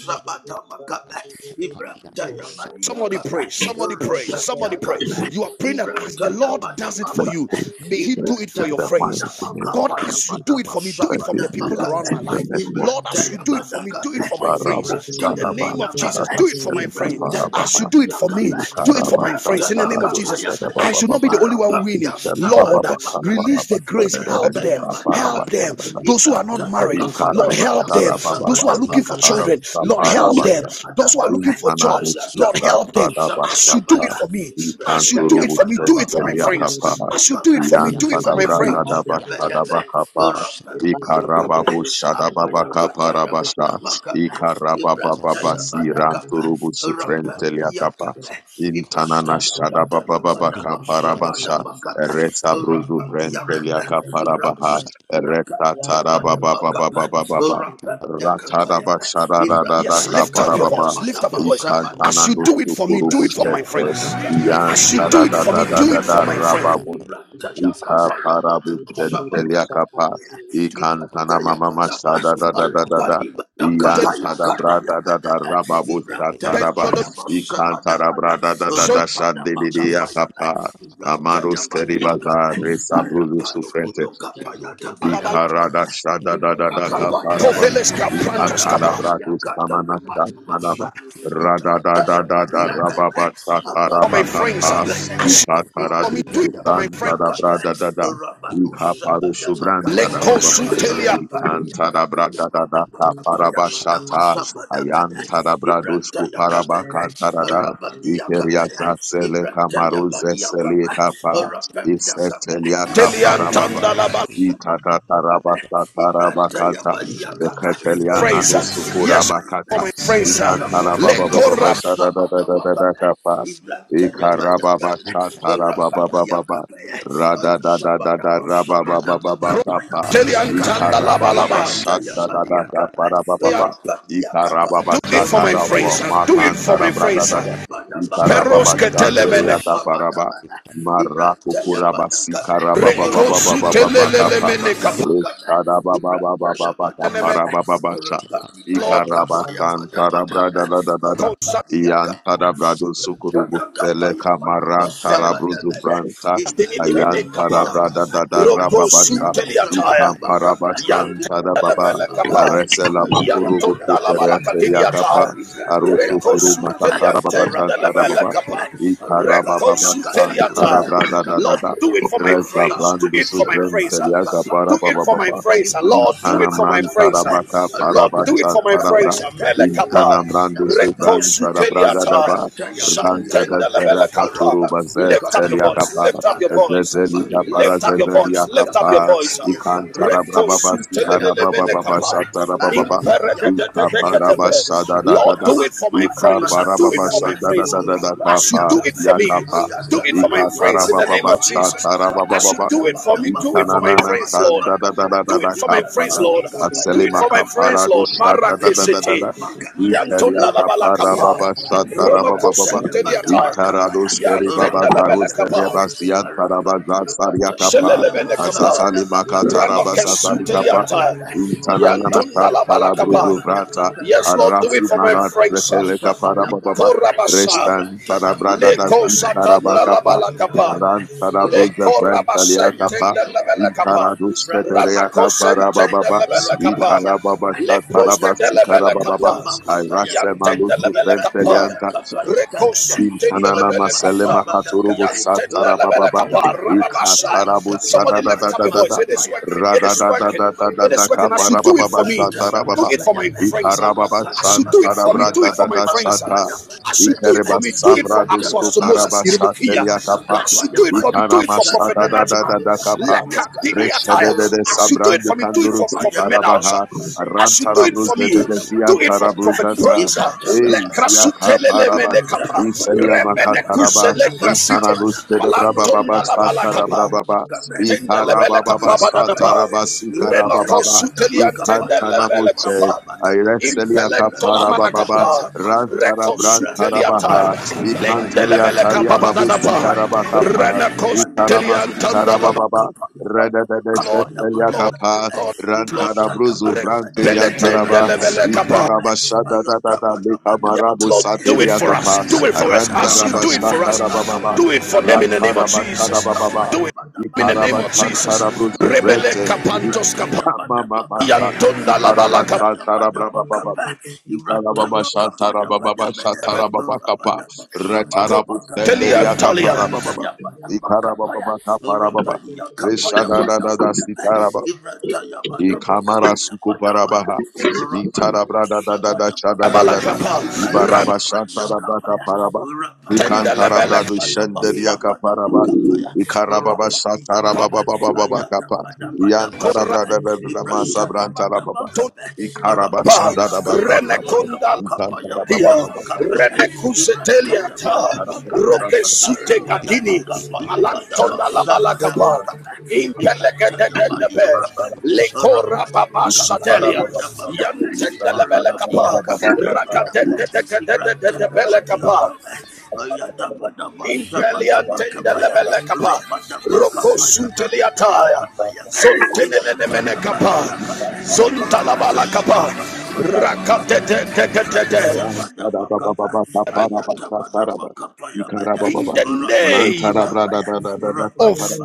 [SPEAKER 8] Ipatiatas, ratita patiaco, shut up,
[SPEAKER 1] Somebody pray,
[SPEAKER 8] around
[SPEAKER 1] somebody pray,
[SPEAKER 8] the
[SPEAKER 1] somebody
[SPEAKER 8] attacks. It
[SPEAKER 1] pray.
[SPEAKER 8] could
[SPEAKER 1] You are praying and ask the Lord does it for you.
[SPEAKER 8] shut up. around
[SPEAKER 1] May
[SPEAKER 8] the
[SPEAKER 1] He do it for your
[SPEAKER 5] Yes,
[SPEAKER 4] the mighty
[SPEAKER 5] Lord.
[SPEAKER 1] friends.
[SPEAKER 5] Thank you,
[SPEAKER 4] name of
[SPEAKER 5] Lord,
[SPEAKER 1] God,
[SPEAKER 5] Lord,
[SPEAKER 8] attacks.
[SPEAKER 1] as you
[SPEAKER 8] It
[SPEAKER 4] Jesus,
[SPEAKER 1] do
[SPEAKER 5] Lord,
[SPEAKER 1] it
[SPEAKER 5] Lord.
[SPEAKER 8] could
[SPEAKER 1] for me, do
[SPEAKER 8] Shut
[SPEAKER 4] I
[SPEAKER 8] up, around the attacks. It could
[SPEAKER 1] it
[SPEAKER 8] shut up.
[SPEAKER 1] for
[SPEAKER 5] We
[SPEAKER 4] think
[SPEAKER 1] the
[SPEAKER 4] we
[SPEAKER 5] thank
[SPEAKER 1] people
[SPEAKER 4] will
[SPEAKER 5] you, Lord,
[SPEAKER 1] around my
[SPEAKER 4] see the
[SPEAKER 1] life.
[SPEAKER 5] Lord,
[SPEAKER 4] name of
[SPEAKER 1] Lord,
[SPEAKER 5] Lord, Lord, Lord,
[SPEAKER 1] as you
[SPEAKER 5] Lord,
[SPEAKER 3] Ibrantaya
[SPEAKER 4] Jesus.
[SPEAKER 1] do it
[SPEAKER 5] Lord.
[SPEAKER 1] for me, do
[SPEAKER 3] Banakabe,
[SPEAKER 1] it for my
[SPEAKER 5] We are
[SPEAKER 8] around
[SPEAKER 4] Ibarabo
[SPEAKER 5] good,
[SPEAKER 1] friends.
[SPEAKER 5] good, good,
[SPEAKER 1] In the
[SPEAKER 3] Ibrantaya
[SPEAKER 5] good,
[SPEAKER 4] Saraban
[SPEAKER 1] name
[SPEAKER 5] good,
[SPEAKER 1] of
[SPEAKER 5] good, good,
[SPEAKER 1] Jesus,
[SPEAKER 3] Banakabe,
[SPEAKER 4] Sarada
[SPEAKER 1] do
[SPEAKER 5] good, good, good,
[SPEAKER 1] it for my
[SPEAKER 4] Seneca
[SPEAKER 8] the
[SPEAKER 1] friend.
[SPEAKER 8] attacks.
[SPEAKER 5] good, good, good,
[SPEAKER 3] Ibrantaya
[SPEAKER 5] good,
[SPEAKER 1] As you
[SPEAKER 4] Parabaha
[SPEAKER 1] do it for me,
[SPEAKER 3] Banakabe,
[SPEAKER 1] do
[SPEAKER 5] good.
[SPEAKER 1] it for
[SPEAKER 4] Ikaraba
[SPEAKER 1] my friends. In the
[SPEAKER 3] Ibrantaya
[SPEAKER 1] name of
[SPEAKER 4] Santarado
[SPEAKER 1] Jesus,
[SPEAKER 3] Kapayakabe,
[SPEAKER 1] I. I
[SPEAKER 4] Senebaba
[SPEAKER 1] should not be
[SPEAKER 4] Baba
[SPEAKER 1] the only one
[SPEAKER 3] Arabanda
[SPEAKER 1] winning.
[SPEAKER 4] Isel Baba
[SPEAKER 1] Lord,
[SPEAKER 5] Yes,
[SPEAKER 1] uh,
[SPEAKER 5] Lord.
[SPEAKER 3] Sabanabakabe,
[SPEAKER 4] Bakapana
[SPEAKER 1] release the grace.
[SPEAKER 5] Thank
[SPEAKER 4] Basanere
[SPEAKER 1] Help
[SPEAKER 3] Ibrantaya
[SPEAKER 1] them.
[SPEAKER 4] Kaparaba
[SPEAKER 1] Help
[SPEAKER 3] Banakabe,
[SPEAKER 1] them.
[SPEAKER 4] Sarada
[SPEAKER 1] Those who are not
[SPEAKER 3] Ibrantaya
[SPEAKER 1] married,
[SPEAKER 3] Kapaya
[SPEAKER 1] Lord,
[SPEAKER 4] Ikaraba
[SPEAKER 1] help
[SPEAKER 3] Banaba
[SPEAKER 1] them.
[SPEAKER 8] Sati
[SPEAKER 1] Those who
[SPEAKER 4] Sarababa
[SPEAKER 1] are looking for
[SPEAKER 8] Patiata
[SPEAKER 3] Sabanabakabe,
[SPEAKER 1] children, Lord, help
[SPEAKER 8] Sata
[SPEAKER 1] them.
[SPEAKER 4] Satara
[SPEAKER 3] Ibrantaya
[SPEAKER 1] Those who are
[SPEAKER 3] Banakabe,
[SPEAKER 1] looking for jobs,
[SPEAKER 3] Ayata
[SPEAKER 1] Lord,
[SPEAKER 4] Intananusita
[SPEAKER 1] help
[SPEAKER 3] Banaba
[SPEAKER 1] them. As you do it
[SPEAKER 4] Kadabashata,
[SPEAKER 3] Sabanabada,
[SPEAKER 1] for me, as you do
[SPEAKER 3] Ibrantaya
[SPEAKER 1] it for me,
[SPEAKER 4] Intanturubushen
[SPEAKER 1] do it
[SPEAKER 3] Banaba
[SPEAKER 1] for my
[SPEAKER 8] Shapia
[SPEAKER 3] Kapaya
[SPEAKER 1] friends.
[SPEAKER 4] Eliakapa,
[SPEAKER 1] As you do
[SPEAKER 3] Banakabe,
[SPEAKER 1] it for me, do it for
[SPEAKER 8] Yasti
[SPEAKER 1] my
[SPEAKER 4] Yantadabraga
[SPEAKER 1] friends.
[SPEAKER 3] Imanakataya
[SPEAKER 8] Patiate
[SPEAKER 3] Benabe,
[SPEAKER 4] Dabashadabakapa,
[SPEAKER 8] Kosaka
[SPEAKER 3] Urabandiyakabe,
[SPEAKER 4] Ikarababu
[SPEAKER 3] Abaya
[SPEAKER 4] Shadababakapa
[SPEAKER 3] kataya bada
[SPEAKER 4] Rabasha,
[SPEAKER 3] bakaba.
[SPEAKER 4] Ikarabababa
[SPEAKER 3] Ibrataya bada
[SPEAKER 8] Kosatiata
[SPEAKER 3] kaba.
[SPEAKER 4] Siranturubu
[SPEAKER 3] Rapa
[SPEAKER 8] Patiata
[SPEAKER 4] Sufrenteliakapa,
[SPEAKER 3] yakaba.
[SPEAKER 5] you.
[SPEAKER 8] Abi
[SPEAKER 4] Intanana
[SPEAKER 8] Kosaka
[SPEAKER 3] Ibrataya
[SPEAKER 5] Thank
[SPEAKER 3] kataya bada
[SPEAKER 4] Shadabababaka
[SPEAKER 8] Impate
[SPEAKER 4] Parabasha,
[SPEAKER 3] basabada
[SPEAKER 8] Palipo
[SPEAKER 3] bakaba.
[SPEAKER 8] Sata
[SPEAKER 4] Eresa
[SPEAKER 3] Rapa
[SPEAKER 4] Bruzu
[SPEAKER 3] yakaba.
[SPEAKER 8] Epata
[SPEAKER 4] Frenteliaka
[SPEAKER 3] Rapa
[SPEAKER 4] Parabaha,
[SPEAKER 8] Kosatia
[SPEAKER 4] Ereta
[SPEAKER 3] yakataya bada bakaba.
[SPEAKER 4] Tarabababababa,
[SPEAKER 8] Shata
[SPEAKER 3] Rapa
[SPEAKER 8] Patiate
[SPEAKER 3] dakapaya ba.
[SPEAKER 1] Yes,
[SPEAKER 8] Impata
[SPEAKER 4] Ratadabashadadadaka
[SPEAKER 3] Ibrataya
[SPEAKER 1] lift up your
[SPEAKER 3] kapaya
[SPEAKER 4] Parababa,
[SPEAKER 8] Pokamiata
[SPEAKER 1] voice. Lift
[SPEAKER 3] bada
[SPEAKER 1] up your voice.
[SPEAKER 8] Pata O
[SPEAKER 3] basabada
[SPEAKER 1] As
[SPEAKER 4] Ikantana
[SPEAKER 1] you
[SPEAKER 4] no
[SPEAKER 3] bada.
[SPEAKER 1] do it for me,
[SPEAKER 4] sukuru
[SPEAKER 1] do it
[SPEAKER 8] Asi
[SPEAKER 1] for my
[SPEAKER 3] Ibrataya
[SPEAKER 4] bushete.
[SPEAKER 1] friends.
[SPEAKER 3] bada kaba.
[SPEAKER 4] Iyan
[SPEAKER 1] As you
[SPEAKER 4] da da
[SPEAKER 1] do it
[SPEAKER 4] da
[SPEAKER 1] for
[SPEAKER 4] da
[SPEAKER 1] me,
[SPEAKER 3] Ibrataya
[SPEAKER 4] da
[SPEAKER 1] do
[SPEAKER 4] da
[SPEAKER 1] it for
[SPEAKER 4] da
[SPEAKER 1] my
[SPEAKER 3] kapaya ba.
[SPEAKER 1] friends.
[SPEAKER 8] Sita
[SPEAKER 4] rababu.
[SPEAKER 3] Ibrataya
[SPEAKER 4] Ika
[SPEAKER 8] Jesus
[SPEAKER 3] kapaya
[SPEAKER 4] para
[SPEAKER 3] bada
[SPEAKER 4] bushentelia kapa.
[SPEAKER 8] to it.
[SPEAKER 4] Ikantana mama
[SPEAKER 8] is
[SPEAKER 4] masha da
[SPEAKER 8] also in
[SPEAKER 4] da da da
[SPEAKER 8] the
[SPEAKER 4] da da.
[SPEAKER 8] name of
[SPEAKER 4] Iyan tada
[SPEAKER 8] Jesus
[SPEAKER 4] da
[SPEAKER 8] to
[SPEAKER 4] bra
[SPEAKER 8] be
[SPEAKER 4] da da da
[SPEAKER 8] fulfilled
[SPEAKER 4] rababu
[SPEAKER 8] in the name of
[SPEAKER 4] shataraba.
[SPEAKER 8] Jesus.
[SPEAKER 4] Ikantara bra da da
[SPEAKER 8] In
[SPEAKER 4] da
[SPEAKER 8] the name
[SPEAKER 4] da
[SPEAKER 8] of
[SPEAKER 4] shadidi
[SPEAKER 8] Jesus.
[SPEAKER 4] yakapa. Amarus keribaza
[SPEAKER 8] In the
[SPEAKER 4] resabuzu
[SPEAKER 8] past, I'm
[SPEAKER 4] sufrente.
[SPEAKER 8] looking for a job.
[SPEAKER 4] Ikarada
[SPEAKER 8] In
[SPEAKER 4] shada da
[SPEAKER 8] I'm
[SPEAKER 4] da da
[SPEAKER 8] looking for
[SPEAKER 4] kaparaba.
[SPEAKER 8] a breakthrough.
[SPEAKER 4] Ikantana bratus
[SPEAKER 8] Father, I
[SPEAKER 4] samana
[SPEAKER 8] pray that may
[SPEAKER 4] shantanaba.
[SPEAKER 8] you do unto
[SPEAKER 4] Rada
[SPEAKER 8] them
[SPEAKER 4] da
[SPEAKER 8] as
[SPEAKER 4] da
[SPEAKER 8] you
[SPEAKER 4] da
[SPEAKER 8] did
[SPEAKER 4] da rababa
[SPEAKER 1] for my
[SPEAKER 4] sataraba
[SPEAKER 8] them
[SPEAKER 1] friends.
[SPEAKER 4] kapa.
[SPEAKER 8] as you
[SPEAKER 1] As
[SPEAKER 8] did
[SPEAKER 1] you
[SPEAKER 8] to me.
[SPEAKER 1] for
[SPEAKER 4] Ikataradu
[SPEAKER 1] me,
[SPEAKER 8] In
[SPEAKER 1] do it
[SPEAKER 8] the
[SPEAKER 1] for my
[SPEAKER 8] name
[SPEAKER 4] sufran
[SPEAKER 1] friends.
[SPEAKER 8] of
[SPEAKER 4] tada
[SPEAKER 5] you.
[SPEAKER 4] brada
[SPEAKER 8] Jesus.
[SPEAKER 4] da da.
[SPEAKER 8] In
[SPEAKER 5] Thank
[SPEAKER 8] the name of
[SPEAKER 4] Ikaparu shubran tada
[SPEAKER 8] Jesus.
[SPEAKER 1] Leko
[SPEAKER 3] Ibrahim
[SPEAKER 4] bababa.
[SPEAKER 1] sutelia
[SPEAKER 3] Ibrahim
[SPEAKER 4] Ikantada
[SPEAKER 3] tell your
[SPEAKER 4] brada da da
[SPEAKER 3] mother,
[SPEAKER 8] In
[SPEAKER 4] kaparaba shata.
[SPEAKER 8] the name of
[SPEAKER 4] Ayantada
[SPEAKER 8] Jesus.
[SPEAKER 4] bradus
[SPEAKER 8] Shut
[SPEAKER 4] kuparaba katarada.
[SPEAKER 3] Rafa, the
[SPEAKER 4] Ikeriazasele kamaruze seli kapa. Isetelia
[SPEAKER 1] telia
[SPEAKER 4] kaparababa.
[SPEAKER 1] tanda la ba
[SPEAKER 4] Itatatarabakatarabakata.
[SPEAKER 1] friends.
[SPEAKER 4] Ekatelianando
[SPEAKER 1] Yes, for
[SPEAKER 4] sukurabakata.
[SPEAKER 1] my friends. Leko rapro
[SPEAKER 4] Itantarababababashadadadadadadakapa. Ikarababachatarababababa.
[SPEAKER 3] Yakapaya,
[SPEAKER 4] Radadadadadadababababakapa.
[SPEAKER 1] telia tanda la ba la ba. Yeah,
[SPEAKER 4] Ikarabababashadadadadaparabababa.
[SPEAKER 1] Do it for my friends. Do it for my friends.
[SPEAKER 4] Ikarababachakarawamakantarabrabadada.
[SPEAKER 1] Peros ke telemene.
[SPEAKER 4] Ikarababachaderiataparaba. Marakupura basika raba baba
[SPEAKER 1] Reko
[SPEAKER 4] baba baba
[SPEAKER 1] sutelele
[SPEAKER 8] up,
[SPEAKER 4] bakapa.
[SPEAKER 1] mene kapane
[SPEAKER 4] Estada baba baba
[SPEAKER 8] for
[SPEAKER 4] baba
[SPEAKER 8] my
[SPEAKER 1] mene.
[SPEAKER 4] kapara baba basha.
[SPEAKER 1] Lord,
[SPEAKER 4] Ikaraba santara brada da da da da.
[SPEAKER 1] ko sa.
[SPEAKER 4] Iantada brado sukurubu sele kamaranta rabruzu
[SPEAKER 3] Ibrahim
[SPEAKER 4] franta.
[SPEAKER 3] Ibranta
[SPEAKER 1] Dinimini
[SPEAKER 4] Ayantada
[SPEAKER 1] kapa.
[SPEAKER 4] brada
[SPEAKER 3] Yakapa,
[SPEAKER 4] da da raba
[SPEAKER 1] Roko
[SPEAKER 3] Adimada
[SPEAKER 4] basha.
[SPEAKER 1] sunteliataya.
[SPEAKER 3] sabada
[SPEAKER 4] Ikampara
[SPEAKER 3] Bakapa,
[SPEAKER 4] basantada
[SPEAKER 3] Ibranta
[SPEAKER 4] baba.
[SPEAKER 1] Yantelebele kapa.
[SPEAKER 3] Yamakapa,
[SPEAKER 4] Aresela makuru
[SPEAKER 1] Yantonda
[SPEAKER 3] Ayatabada
[SPEAKER 1] la balaka
[SPEAKER 3] sabada.
[SPEAKER 1] diniataya.
[SPEAKER 4] Marakukurabasikarabababababababakapa. Ustadababababababakaparabababasha. Arusu
[SPEAKER 1] Reko
[SPEAKER 4] kuru Ayantarabradadadadababasha. Ikamparabasantarababa. Areselamakurubusufereteriakapa.
[SPEAKER 1] sunteliantendelebele
[SPEAKER 4] Arusukurumakatarababasantarababa.
[SPEAKER 1] kapa.
[SPEAKER 4] Ikarababa
[SPEAKER 1] Reko
[SPEAKER 4] San
[SPEAKER 1] sunteliataya.
[SPEAKER 4] Tarabrada da da
[SPEAKER 1] Lord,
[SPEAKER 4] da.
[SPEAKER 1] do it for my
[SPEAKER 4] Reza
[SPEAKER 1] friends. Do
[SPEAKER 4] Brandu
[SPEAKER 1] it for my
[SPEAKER 4] Suvren
[SPEAKER 1] friends. ah.
[SPEAKER 4] Teliaza
[SPEAKER 1] Do it for
[SPEAKER 4] Parababa.
[SPEAKER 3] Ibrahim
[SPEAKER 1] my friends. ah. Lord, do it for my
[SPEAKER 4] Anamran
[SPEAKER 1] friends. ah.
[SPEAKER 4] Tarabaka
[SPEAKER 1] Lord, do it
[SPEAKER 4] Parabatsan
[SPEAKER 1] for my
[SPEAKER 4] Tarabra
[SPEAKER 1] friends.
[SPEAKER 8] friends,
[SPEAKER 1] ah.
[SPEAKER 8] not
[SPEAKER 4] in
[SPEAKER 8] do it
[SPEAKER 1] Melekapa.
[SPEAKER 8] for my friends, not do it for my
[SPEAKER 4] Anamrando
[SPEAKER 8] friends, not
[SPEAKER 1] Reko
[SPEAKER 4] Subran
[SPEAKER 8] do it for my
[SPEAKER 4] Tarabraga Daba
[SPEAKER 8] friends.
[SPEAKER 1] suteliata.
[SPEAKER 4] Ranta da
[SPEAKER 1] Shantendelebele
[SPEAKER 4] Zeraka
[SPEAKER 1] kapa.
[SPEAKER 4] Turuba
[SPEAKER 1] Lift up your voice.
[SPEAKER 4] zeliakapa. Zeliaka
[SPEAKER 1] Lift up your
[SPEAKER 4] Para
[SPEAKER 1] voice.
[SPEAKER 8] In
[SPEAKER 4] Zezelika Para
[SPEAKER 1] Lift up
[SPEAKER 8] the
[SPEAKER 1] your
[SPEAKER 8] name of
[SPEAKER 1] voice.
[SPEAKER 4] Zezeliaka
[SPEAKER 1] Lift up
[SPEAKER 8] Jesus,
[SPEAKER 1] your
[SPEAKER 4] Pa
[SPEAKER 1] voice.
[SPEAKER 4] Ikan Tarabraba Sikaraba
[SPEAKER 1] Rekosuntelelelemene
[SPEAKER 4] Baba
[SPEAKER 1] kapa.
[SPEAKER 4] Ika Paraba
[SPEAKER 1] Imperededededeketepe.
[SPEAKER 4] Shada da da
[SPEAKER 1] Lord,
[SPEAKER 5] you.
[SPEAKER 4] da
[SPEAKER 1] do it for my
[SPEAKER 4] Ika
[SPEAKER 1] friends. Do
[SPEAKER 5] Thank
[SPEAKER 1] it
[SPEAKER 4] Paraba
[SPEAKER 1] for my
[SPEAKER 4] Shada da
[SPEAKER 1] friends.
[SPEAKER 5] you.
[SPEAKER 4] da da da
[SPEAKER 1] As you
[SPEAKER 4] Kapa
[SPEAKER 1] do it for me,
[SPEAKER 4] Yakapa
[SPEAKER 1] do it for my
[SPEAKER 4] Ika
[SPEAKER 1] friends in
[SPEAKER 4] Taraba
[SPEAKER 1] the name
[SPEAKER 4] Baba
[SPEAKER 1] of Jesus. As you
[SPEAKER 4] Shataraba
[SPEAKER 1] do it for me, do it for my
[SPEAKER 4] Intananana
[SPEAKER 3] Ibrahim
[SPEAKER 1] friends, Lord.
[SPEAKER 4] shanda da da da da
[SPEAKER 1] Do it
[SPEAKER 4] da
[SPEAKER 1] for my
[SPEAKER 3] Ibrahim
[SPEAKER 4] kapa.
[SPEAKER 1] friends, Lord. Do it
[SPEAKER 4] Aselima
[SPEAKER 3] Tayakata,
[SPEAKER 1] for my friends,
[SPEAKER 4] kapara do
[SPEAKER 1] Lord.
[SPEAKER 4] shanda da da da da
[SPEAKER 1] Marakesete.
[SPEAKER 4] da. Interia
[SPEAKER 1] Yantonda la
[SPEAKER 4] kapara
[SPEAKER 1] balakapa.
[SPEAKER 4] baba shanda ra baba baba.
[SPEAKER 1] Ronokosu teliatai.
[SPEAKER 4] Intarado skeri baba
[SPEAKER 1] Yantenda la
[SPEAKER 4] zaru skeri
[SPEAKER 1] balakapa.
[SPEAKER 8] Jesus,
[SPEAKER 4] bastian taraba zasaria kapa.
[SPEAKER 1] Shelelebele kapa.
[SPEAKER 4] Azasali makatara
[SPEAKER 8] yeah,
[SPEAKER 1] Ranokesu
[SPEAKER 4] basasali kapa.
[SPEAKER 1] teliatai.
[SPEAKER 3] Arapa
[SPEAKER 4] Intananana
[SPEAKER 1] Yantonda la
[SPEAKER 4] shantara
[SPEAKER 3] Yakata,
[SPEAKER 4] bruju
[SPEAKER 1] balakapa.
[SPEAKER 4] vrata.
[SPEAKER 3] Madabakana,
[SPEAKER 1] Yes, Lord, do it
[SPEAKER 4] Arafu
[SPEAKER 1] for my
[SPEAKER 4] marat
[SPEAKER 1] friends.
[SPEAKER 4] retele kapara baba baba.
[SPEAKER 1] sir.
[SPEAKER 4] Reshtan
[SPEAKER 5] Thank
[SPEAKER 4] tarabrada da
[SPEAKER 1] Leko
[SPEAKER 4] intaraba
[SPEAKER 1] satanda la
[SPEAKER 4] kapa.
[SPEAKER 1] balakapa.
[SPEAKER 4] Ran
[SPEAKER 8] shut
[SPEAKER 4] tarabruja
[SPEAKER 8] the
[SPEAKER 1] Leko
[SPEAKER 8] fuck up,
[SPEAKER 4] vrenta liakapa.
[SPEAKER 1] rabasentenda la balakapa. Ranako sentenda
[SPEAKER 4] Imparadushtereakaparababa,
[SPEAKER 1] la balakapa.
[SPEAKER 4] Ikarababa,
[SPEAKER 1] Leproska
[SPEAKER 4] Tatarabas,
[SPEAKER 1] de la
[SPEAKER 4] Ikarababa,
[SPEAKER 1] balakapa. Yantenda
[SPEAKER 4] Irasemalutu,
[SPEAKER 1] la
[SPEAKER 8] yeah,
[SPEAKER 1] balakapa.
[SPEAKER 4] Frentelianta,
[SPEAKER 1] Reko sentenda la
[SPEAKER 4] Impanana
[SPEAKER 3] Ibrahim
[SPEAKER 4] maselema
[SPEAKER 1] balakapa.
[SPEAKER 4] katurubu
[SPEAKER 1] Yantenda
[SPEAKER 4] satara
[SPEAKER 1] la
[SPEAKER 4] bababa.
[SPEAKER 1] balakapa.
[SPEAKER 4] Ikatarabu
[SPEAKER 1] Rababasha.
[SPEAKER 4] shada
[SPEAKER 1] Somebody
[SPEAKER 4] da da
[SPEAKER 1] lift up
[SPEAKER 4] da
[SPEAKER 1] your
[SPEAKER 8] yeah,
[SPEAKER 4] da
[SPEAKER 1] voice.
[SPEAKER 4] da.
[SPEAKER 1] It
[SPEAKER 8] yeah,
[SPEAKER 1] is working. It
[SPEAKER 4] Rada
[SPEAKER 1] is
[SPEAKER 4] da da
[SPEAKER 1] working.
[SPEAKER 4] da da da
[SPEAKER 1] It
[SPEAKER 4] da
[SPEAKER 1] is working. As you
[SPEAKER 4] kapara
[SPEAKER 1] do it for
[SPEAKER 4] bababa
[SPEAKER 8] shut
[SPEAKER 1] me,
[SPEAKER 4] satara
[SPEAKER 1] do
[SPEAKER 4] baba.
[SPEAKER 1] it for my
[SPEAKER 8] up, yeah,
[SPEAKER 1] friends.
[SPEAKER 4] Ikarababa
[SPEAKER 1] As you do it
[SPEAKER 4] santara
[SPEAKER 1] for me, do
[SPEAKER 4] brada
[SPEAKER 1] it
[SPEAKER 8] that's
[SPEAKER 4] da
[SPEAKER 1] for my
[SPEAKER 4] da
[SPEAKER 1] friends. uh.
[SPEAKER 4] sata.
[SPEAKER 1] As you do it
[SPEAKER 4] Ikereba
[SPEAKER 1] for me, do it for
[SPEAKER 4] sabra dusku
[SPEAKER 1] Apostle Moses
[SPEAKER 4] paraba
[SPEAKER 1] Iribukia.
[SPEAKER 4] satelia kapa.
[SPEAKER 1] As you do it for me, do it
[SPEAKER 4] Ikarama
[SPEAKER 1] for Prophet
[SPEAKER 4] sada da da da
[SPEAKER 1] Nanajiman.
[SPEAKER 4] da kapa. Reche de
[SPEAKER 1] Lekadiniataya.
[SPEAKER 4] de
[SPEAKER 3] Ibrahim
[SPEAKER 8] I
[SPEAKER 4] de
[SPEAKER 8] can't,
[SPEAKER 1] As you do it
[SPEAKER 4] sabrandi
[SPEAKER 1] for me, do it
[SPEAKER 4] kanduru
[SPEAKER 1] for
[SPEAKER 4] si
[SPEAKER 3] Ibrahim
[SPEAKER 1] Prophet Meadows.
[SPEAKER 4] parabaha.
[SPEAKER 1] As you do it
[SPEAKER 8] yeah,
[SPEAKER 4] Rantarabruz
[SPEAKER 1] for
[SPEAKER 4] de de
[SPEAKER 1] me,
[SPEAKER 4] de
[SPEAKER 8] yeah,
[SPEAKER 1] do it for Prophet
[SPEAKER 4] ziantarabruzata.
[SPEAKER 1] Prince.
[SPEAKER 4] Ei,
[SPEAKER 1] Lekrasutelele
[SPEAKER 4] ziaka
[SPEAKER 1] menekapa.
[SPEAKER 4] Italia
[SPEAKER 1] Remene
[SPEAKER 4] Macatarabas,
[SPEAKER 1] kusele
[SPEAKER 5] you.
[SPEAKER 1] grasite.
[SPEAKER 4] Itaranus Tedebrababa
[SPEAKER 1] Walantonda
[SPEAKER 5] Thank
[SPEAKER 1] la balakapa
[SPEAKER 4] Santarababa,
[SPEAKER 1] tendelebele
[SPEAKER 4] Icarababa
[SPEAKER 1] kapaba dadaba
[SPEAKER 4] Santarabas,
[SPEAKER 1] renoko
[SPEAKER 4] Icarababa,
[SPEAKER 1] sutelian tendelebele
[SPEAKER 4] Itantanamuce,
[SPEAKER 1] kapa
[SPEAKER 4] Iretselia
[SPEAKER 1] impelentolamana
[SPEAKER 8] shut
[SPEAKER 4] Caparababa,
[SPEAKER 1] kapa reko
[SPEAKER 4] Rantarabrantaraba,
[SPEAKER 1] suteliata
[SPEAKER 4] Icantelia
[SPEAKER 1] lendelebele
[SPEAKER 4] Taria
[SPEAKER 1] kapaba
[SPEAKER 4] Babusi
[SPEAKER 1] dadaba
[SPEAKER 4] Carabacapa,
[SPEAKER 1] renoko suteli
[SPEAKER 4] Itaramasi
[SPEAKER 1] antanda la.
[SPEAKER 4] Carababa.
[SPEAKER 1] lord
[SPEAKER 8] up,
[SPEAKER 1] lord
[SPEAKER 4] Redededeshenteliakapa,
[SPEAKER 1] lord
[SPEAKER 4] da da
[SPEAKER 1] lord
[SPEAKER 8] shut up,
[SPEAKER 1] rebele tendelebele kapa
[SPEAKER 4] Ikarabashadadadada,
[SPEAKER 1] Yes, Lord, do it for
[SPEAKER 4] Lekamarabusateliakapa,
[SPEAKER 1] us. Do it for us. As you do it for us,
[SPEAKER 4] Arandarabashatarabababa,
[SPEAKER 1] do it for them in the name of Jesus.
[SPEAKER 4] Ratarabasarabababa,
[SPEAKER 1] Do it in the name of Jesus. Rebele
[SPEAKER 4] Ikarabasantarabruzubrete,
[SPEAKER 1] kapantos kapa
[SPEAKER 4] Ikamamamasa,
[SPEAKER 1] Yantonda la balaka
[SPEAKER 4] Iparabasantarabrabababa, Ikarababashantarabababa, Shatarababakapa,
[SPEAKER 3] Ibrahim
[SPEAKER 1] Telian Talia
[SPEAKER 4] Retarabusteriakaparabababa,
[SPEAKER 3] Ibrantaya Ibrantaya
[SPEAKER 4] Ikarabababakaparababa, Rishadadadada
[SPEAKER 3] Ibrantaya
[SPEAKER 4] Ikamara
[SPEAKER 3] Badabakapaya
[SPEAKER 4] suku
[SPEAKER 3] Badabada,
[SPEAKER 4] parabaha.
[SPEAKER 3] Rapada
[SPEAKER 4] Itara brada da da da
[SPEAKER 3] Sabada
[SPEAKER 4] shada da
[SPEAKER 3] Bakame,
[SPEAKER 4] da da.
[SPEAKER 1] Abalakapa
[SPEAKER 4] Ibaraba
[SPEAKER 3] Ibrantaya
[SPEAKER 8] shut up,
[SPEAKER 3] kapaya
[SPEAKER 4] shantara
[SPEAKER 8] shut
[SPEAKER 4] brata
[SPEAKER 3] kapaya
[SPEAKER 4] paraba.
[SPEAKER 3] Rapadia
[SPEAKER 1] Rantenda
[SPEAKER 4] Ikantara
[SPEAKER 3] kapaya
[SPEAKER 1] Lebele
[SPEAKER 8] up.
[SPEAKER 4] bradu
[SPEAKER 3] Badaba
[SPEAKER 4] shenderia
[SPEAKER 3] Sabada
[SPEAKER 4] kaparaba.
[SPEAKER 3] Bakapaya,
[SPEAKER 4] Ikarababa
[SPEAKER 3] Rapadia
[SPEAKER 4] shatara
[SPEAKER 3] Kapa,
[SPEAKER 4] baba baba baba
[SPEAKER 3] Ayada
[SPEAKER 4] kapa.
[SPEAKER 3] Badabada
[SPEAKER 8] Yes,
[SPEAKER 4] Iantara
[SPEAKER 1] Koratunda
[SPEAKER 8] uh,
[SPEAKER 3] Bakame,
[SPEAKER 4] brada da da da masa
[SPEAKER 3] Ibrantaya
[SPEAKER 4] brantara baba.
[SPEAKER 3] Badabakame,
[SPEAKER 4] Ikaraba shada
[SPEAKER 3] Rapadia
[SPEAKER 4] da baka
[SPEAKER 3] kapaya
[SPEAKER 4] paraba.
[SPEAKER 1] Remekonda
[SPEAKER 4] Ikantara baba
[SPEAKER 1] Dia
[SPEAKER 4] baba kapa.
[SPEAKER 3] Ibrahim
[SPEAKER 1] Remekuse
[SPEAKER 3] Ibranta
[SPEAKER 1] Teliata
[SPEAKER 4] Ikara baba shantara
[SPEAKER 1] sute
[SPEAKER 4] baba.
[SPEAKER 1] Katini
[SPEAKER 4] Ikantara
[SPEAKER 1] Malantonda
[SPEAKER 4] baba
[SPEAKER 1] la
[SPEAKER 4] baba.
[SPEAKER 1] balakapa Impelekedebe
[SPEAKER 4] Ikantara
[SPEAKER 1] Lekora Baba Satelia
[SPEAKER 4] baba baba.
[SPEAKER 1] Yantenda
[SPEAKER 4] Ikantara
[SPEAKER 1] Lebele Kapa
[SPEAKER 4] baba baba kapa.
[SPEAKER 3] in
[SPEAKER 4] Amen. Amen.
[SPEAKER 1] Rakatete Belekapa Impeliantende lebele kapa. Roko sunteliataya. Zontenene kapa. Zontalabala kapa. Rakatete. In the name of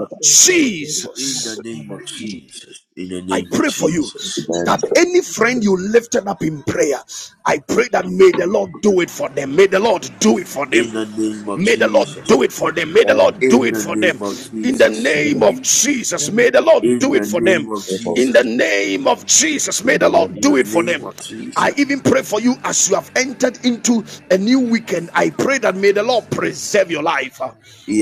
[SPEAKER 3] the
[SPEAKER 1] Jesus.
[SPEAKER 3] name of Jesus, in the
[SPEAKER 1] I
[SPEAKER 3] name of
[SPEAKER 1] pray for you
[SPEAKER 3] Jesus,
[SPEAKER 1] that any friend you lifted up in prayer, I pray that may the Lord do it for them. May the Lord do it for them.
[SPEAKER 3] in the name of
[SPEAKER 1] May the Lord
[SPEAKER 3] Jesus,
[SPEAKER 1] do it for them. May the Lord do
[SPEAKER 3] in
[SPEAKER 1] it
[SPEAKER 3] the
[SPEAKER 1] for them.
[SPEAKER 3] name of
[SPEAKER 1] In the
[SPEAKER 3] Jesus.
[SPEAKER 1] name of
[SPEAKER 5] you.
[SPEAKER 1] Jesus, may the Lord
[SPEAKER 3] In
[SPEAKER 1] do it
[SPEAKER 3] the
[SPEAKER 1] for them.
[SPEAKER 3] name of
[SPEAKER 1] In the
[SPEAKER 3] Jesus.
[SPEAKER 1] name of Jesus, may the
[SPEAKER 4] Amen.
[SPEAKER 1] Lord
[SPEAKER 3] In
[SPEAKER 4] Amen.
[SPEAKER 3] the
[SPEAKER 1] do it for
[SPEAKER 3] name
[SPEAKER 1] them.
[SPEAKER 3] of Jesus.
[SPEAKER 1] I even pray for you as you have entered into a new weekend. I pray that may the Lord preserve your life.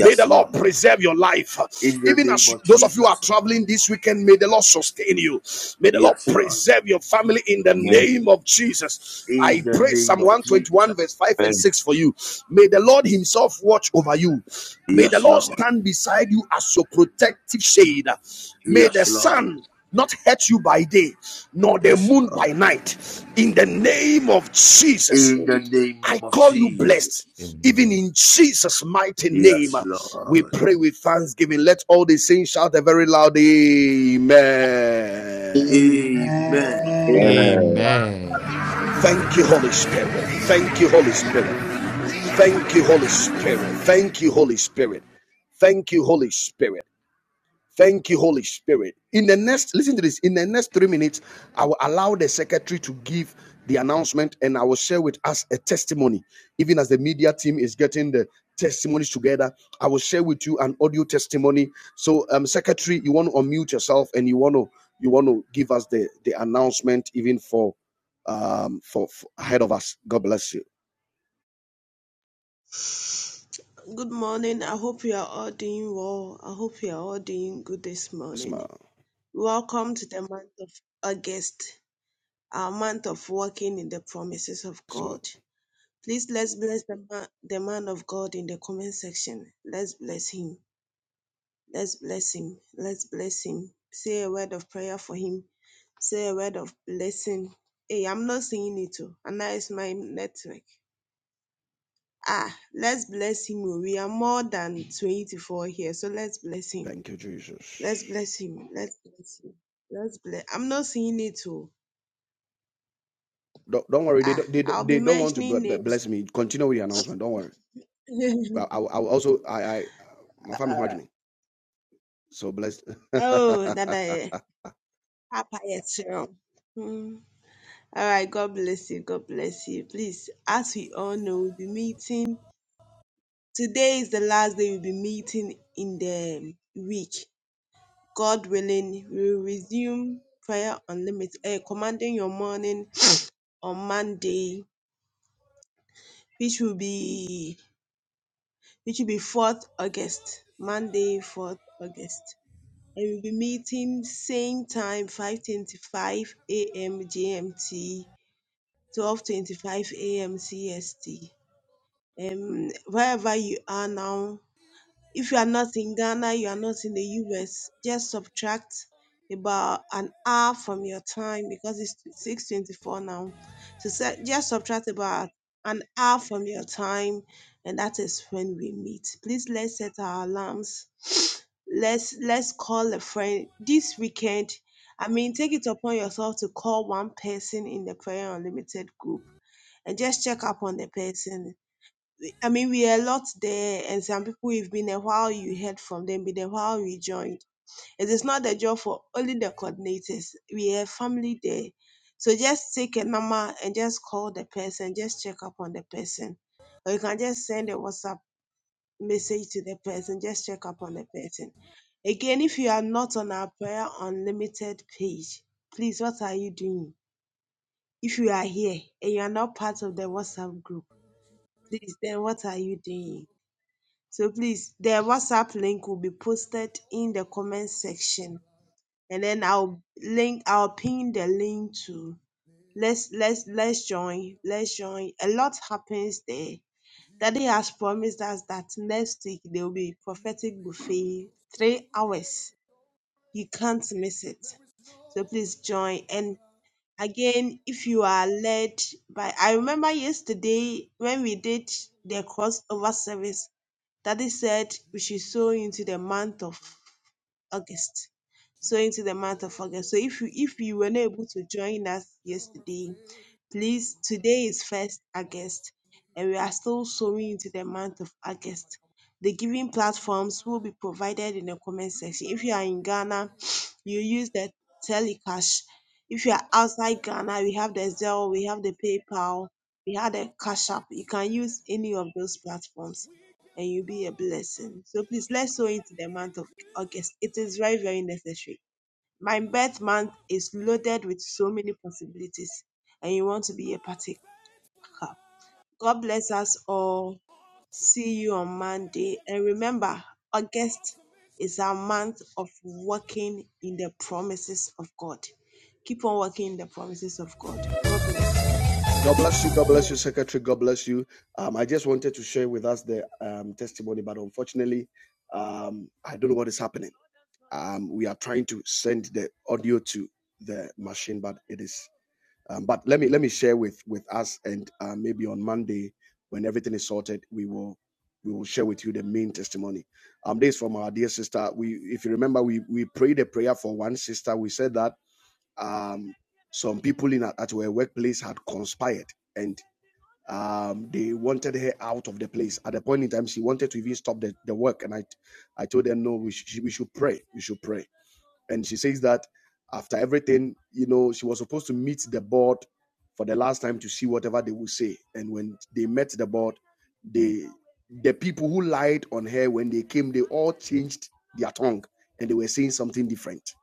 [SPEAKER 1] May the Lord
[SPEAKER 3] Lord.
[SPEAKER 1] preserve your life.
[SPEAKER 3] In the
[SPEAKER 1] Even
[SPEAKER 3] name
[SPEAKER 1] as
[SPEAKER 3] of
[SPEAKER 1] those of you are
[SPEAKER 3] Jesus.
[SPEAKER 1] traveling this weekend, may the Lord sustain you. May the Lord
[SPEAKER 3] Yes, Lord.
[SPEAKER 1] preserve your family in the name of Jesus.
[SPEAKER 3] In
[SPEAKER 1] I
[SPEAKER 3] the
[SPEAKER 1] pray
[SPEAKER 3] name
[SPEAKER 1] Psalm
[SPEAKER 3] of Jesus.
[SPEAKER 1] 121, verse 5 and
[SPEAKER 4] Amen.
[SPEAKER 1] 6 for you. May the Lord Himself watch over you. May the
[SPEAKER 3] Yes,
[SPEAKER 1] Lord
[SPEAKER 3] Lord.
[SPEAKER 1] stand beside you as your protective shade. May the
[SPEAKER 3] Yes, Lord.
[SPEAKER 1] sun not hurt you by day, nor the
[SPEAKER 3] Yes,
[SPEAKER 1] moon
[SPEAKER 3] Lord.
[SPEAKER 1] by night. In the name of Jesus,
[SPEAKER 3] In the name
[SPEAKER 1] I
[SPEAKER 3] of
[SPEAKER 1] call you
[SPEAKER 3] Jesus.
[SPEAKER 1] blessed. Even
[SPEAKER 8] amen
[SPEAKER 1] in Jesus' mighty name,
[SPEAKER 3] Yes,
[SPEAKER 1] we
[SPEAKER 3] Lord.
[SPEAKER 1] pray with thanksgiving. Let all the saints shout a very loud Amen.
[SPEAKER 3] Amen.
[SPEAKER 10] Amen.
[SPEAKER 4] Amen.
[SPEAKER 8] amen
[SPEAKER 1] Thank you, Holy
[SPEAKER 5] Amen.
[SPEAKER 1] Spirit. Thank you, Holy Spirit. Thank you, Holy Spirit. Thank you, Holy Spirit. Thank you, Holy Spirit. Thank you, Holy Spirit. In the next, listen to this. In the next three minutes, I will allow the secretary to give the announcement and I will share with us a testimony. Even as the media team is getting the testimonies together, I will share with you an audio testimony. So, um, secretary, you want to unmute yourself and you want to you want to give us the the announcement even for um for, for ahead of us. God bless you.
[SPEAKER 11] Good morning. I hope you are all doing well. I hope you are all doing good this
[SPEAKER 1] Yes,
[SPEAKER 11] morning.
[SPEAKER 1] ma'am.
[SPEAKER 11] Welcome to the month of August, our month of walking in the promises of
[SPEAKER 1] Yes, Lord.
[SPEAKER 11] God. Please let's bless the man, the man of God in the comment section. Let's bless him. Let's bless him. Let's bless him. Say a word of prayer for him. Say a word of blessing. Hey, I'm not seeing it too. And that is my network. Ah, let's bless him. oh. We are more than 24 here, so let's bless him
[SPEAKER 1] Thank you,
[SPEAKER 11] Let's
[SPEAKER 1] Jesus.
[SPEAKER 11] bless him. Let's bless him. Let's bless. I'm not seeing it too.
[SPEAKER 1] Don't, don't worry. They
[SPEAKER 11] Ah,
[SPEAKER 1] don't, they,
[SPEAKER 11] I'll be
[SPEAKER 1] they don't want to b-
[SPEAKER 11] mentioning
[SPEAKER 1] b-
[SPEAKER 11] names.
[SPEAKER 1] bless me. Continue with the announcement. Don't worry. Well, I, will- I will also I I uh, my family imagining. So blessed.
[SPEAKER 11] oh, that I Papa Yetiro. Hmm. All right, God bless you. God bless you. Please, as we all know, we'll be meeting. Today is the last day we'll be meeting in the week. God willing, we'll resume prayer unlimited, uh, commanding your morning on Monday, which will be which will be 4th August, Monday, 4th August. And we'll be meeting same time, 5:25 a.m. GMT, 12:25 a.m. CST. Um, wherever you are now, if you are not in Ghana, you are not in the US, just subtract about an hour from your time because it's 624 now. So se- just subtract about an hour from your time, and that is when we meet. Please let's set our alarms. Let's let's call a friend this weekend. I mean, take it upon yourself to call one person in the Prayer Unlimited group and just check up on the person I mean, we are a lot there, and some people it's been a while you heard from them, been a while you joined. It is not the job for only the coordinators. We have family there. So just take a number and just call the person, just check up on the person. Or you can just send a WhatsApp message to the person, just check up on the person. Again, if you are not on our Prayer Unlimited page, please, what are you doing? If you are here and you are not part of the WhatsApp group, please, then what are you doing? So please, the WhatsApp link will be posted in the comment section, and then I'll link. I'll pin the link to. Let's let's let's join. Let's join. A lot happens there. Daddy
[SPEAKER 1] You are
[SPEAKER 11] has promised
[SPEAKER 1] great.
[SPEAKER 11] us that next week there will be
[SPEAKER 1] You do
[SPEAKER 11] prophetic buffet,
[SPEAKER 1] miracles so
[SPEAKER 11] three hours.
[SPEAKER 1] great.
[SPEAKER 11] You can't miss it.
[SPEAKER 1] There is
[SPEAKER 11] So
[SPEAKER 1] no
[SPEAKER 11] please
[SPEAKER 1] one
[SPEAKER 11] join.
[SPEAKER 1] else
[SPEAKER 11] And
[SPEAKER 1] like.
[SPEAKER 11] again, if you are led by, I remember
[SPEAKER 1] There is
[SPEAKER 11] yesterday when
[SPEAKER 1] no
[SPEAKER 11] we did
[SPEAKER 1] one.
[SPEAKER 11] the crossover service Daddy said we
[SPEAKER 1] You
[SPEAKER 11] should
[SPEAKER 1] do
[SPEAKER 11] sow into the
[SPEAKER 1] mighty
[SPEAKER 11] month of
[SPEAKER 1] things.
[SPEAKER 11] August. So
[SPEAKER 1] You
[SPEAKER 11] into
[SPEAKER 1] do
[SPEAKER 11] the month of August. So if you
[SPEAKER 1] glorious
[SPEAKER 11] if
[SPEAKER 1] things.
[SPEAKER 11] you were not able to join us
[SPEAKER 1] You're a
[SPEAKER 11] yesterday,
[SPEAKER 1] faithful
[SPEAKER 11] please
[SPEAKER 1] God.
[SPEAKER 11] today is first August,
[SPEAKER 1] Awesome
[SPEAKER 11] and we
[SPEAKER 1] things
[SPEAKER 11] are
[SPEAKER 1] to
[SPEAKER 11] still
[SPEAKER 1] me.
[SPEAKER 11] sowing into the month of
[SPEAKER 1] Somebody
[SPEAKER 11] August.
[SPEAKER 1] come on.
[SPEAKER 11] The giving
[SPEAKER 1] You do
[SPEAKER 11] platforms will
[SPEAKER 1] my.
[SPEAKER 11] be provided in the comment
[SPEAKER 1] You
[SPEAKER 11] section.
[SPEAKER 1] do
[SPEAKER 11] If you are in
[SPEAKER 1] glorious
[SPEAKER 11] Ghana,
[SPEAKER 1] things.
[SPEAKER 11] you use the Telecash. If you are
[SPEAKER 1] You're a
[SPEAKER 11] outside Ghana, we
[SPEAKER 1] faithful
[SPEAKER 11] have the
[SPEAKER 1] God.
[SPEAKER 11] Zelle, we have the PayPal, we have the
[SPEAKER 1] Awesome
[SPEAKER 11] Cash App.
[SPEAKER 1] is
[SPEAKER 11] You
[SPEAKER 1] your
[SPEAKER 11] can
[SPEAKER 1] name.
[SPEAKER 11] use any of those platforms
[SPEAKER 1] We give
[SPEAKER 11] and
[SPEAKER 1] you
[SPEAKER 11] you'll be a
[SPEAKER 1] glory.
[SPEAKER 11] blessing. So
[SPEAKER 1] You
[SPEAKER 11] please
[SPEAKER 1] do
[SPEAKER 11] let's sow into
[SPEAKER 1] mighty
[SPEAKER 11] the month of
[SPEAKER 1] things. You
[SPEAKER 11] August. It
[SPEAKER 1] do.
[SPEAKER 11] is very, very necessary. My
[SPEAKER 1] You do
[SPEAKER 11] birth month
[SPEAKER 1] glorious
[SPEAKER 11] is
[SPEAKER 1] things.
[SPEAKER 11] loaded with so many possibilities, and you want to
[SPEAKER 1] You're
[SPEAKER 11] be a
[SPEAKER 1] a
[SPEAKER 11] partaker.
[SPEAKER 1] faithful God.
[SPEAKER 11] God bless us all.
[SPEAKER 1] Awesome
[SPEAKER 11] See you on Monday.
[SPEAKER 1] name.
[SPEAKER 11] And remember, August
[SPEAKER 1] Awesome is
[SPEAKER 11] is our month of
[SPEAKER 1] your name.
[SPEAKER 11] walking in the promises of God. Keep on walking in the promises of God. God bless you.
[SPEAKER 1] God bless you. God
[SPEAKER 11] Enjoy your
[SPEAKER 1] bless you, Secretary. God bless you. Um, I just wanted to share with us the um, testimony, but unfortunately, um, I don't know what is happening. Um, we are trying to send the audio to the machine, but it is. Um, but let me let me share with with us, and uh, maybe on Monday when everything is sorted, we will we will share with you the main testimony. Um, this is from our dear sister. We, if you remember, we we prayed a prayer for one sister. We said that um, some people in at her workplace had conspired and um, they wanted her out of the place. At the point in time, she wanted to even stop the, the work, and I I told them no, we should we should pray, we should pray and she says that after everything, you know, she was supposed to meet the board for the last time to see whatever they would say. And when they met the board, they the people who lied on her when they came, they all changed their tongue and they were saying something different.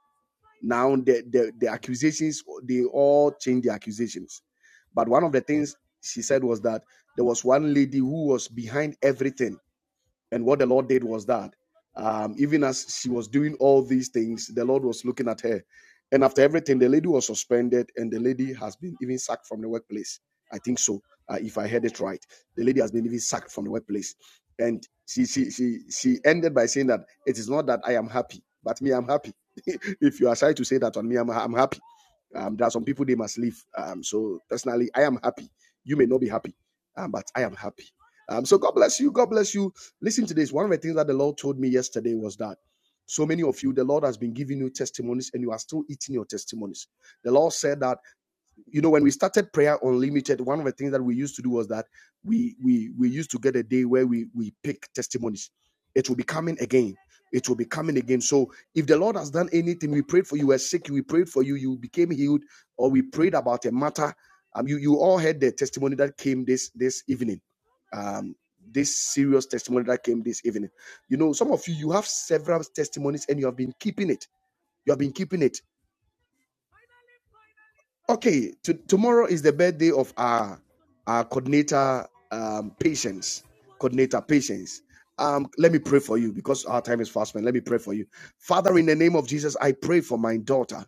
[SPEAKER 1] Now the the, the accusations they all changed the accusations. But one of the things she said was that there was one lady who was behind everything and what the Lord did was that, um, even as she was doing all these things, the Lord was looking at her. And after everything, the lady was suspended, and the lady has been even sacked from the workplace. I think so, uh, if I heard it right. The lady has been even sacked from the workplace, and she she she she ended by saying that it is not that I am happy, but me I'm happy. if you are shy to say that on me, I'm I'm happy. Um, there are some people they must leave. Um, so personally, I am happy. You may not be happy, um, but I am happy. Um, so God bless you. God bless you Listen to this. One of the things that the Lord told me yesterday was that so many of you, the Lord has been giving you testimonies and you are still eating your testimonies. The Lord said that you know when we started prayer unlimited one of the things that we used to do was that we we we used to get a day where we we pick testimonies it will be coming again it will be coming again so if the lord has done anything we prayed for you you were sick we prayed for you you became healed or we prayed about a matter um, you you all heard the testimony that came this this evening um this serious testimony that came this evening you know some of you you have several testimonies and you have been keeping it you have been keeping it Okay, to, tomorrow is the birthday of our our coordinator um, patience. Coordinator patience. Um, let me pray for you because our time is fast, man. Let me pray for you, Father. In the name of Jesus, I pray for my daughter.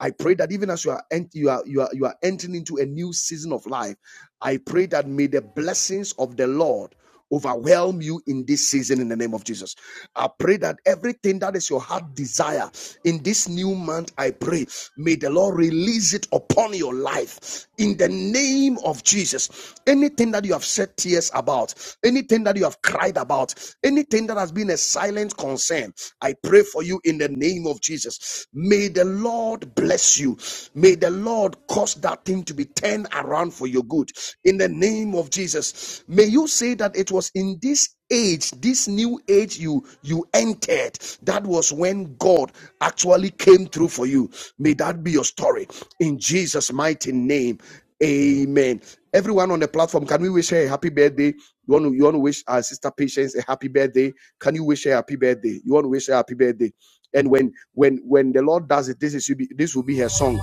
[SPEAKER 1] I pray that even as you are ent- you are you are you are entering into a new season of life, I pray that may the blessings of the Lord overwhelm you in this season in the name of Jesus. I pray that everything that is your heart desire in this new month, I pray, may the Lord release it upon your life in the name of Jesus. Anything that you have shed tears about, anything that you have cried about, anything that has been a silent concern, I pray for you in the name of Jesus. May the Lord bless you. May the Lord cause that thing to be turned around for you good in the name of jesus may you say that it was in this age this new age you you entered that was when god actually came through for you may that be your story in jesus mighty name amen everyone on the platform can we wish her a happy birthday you want to you want to wish our sister patience a happy birthday can you wish her a happy birthday you want to wish her a happy birthday and when when when the lord does it this is this will be her song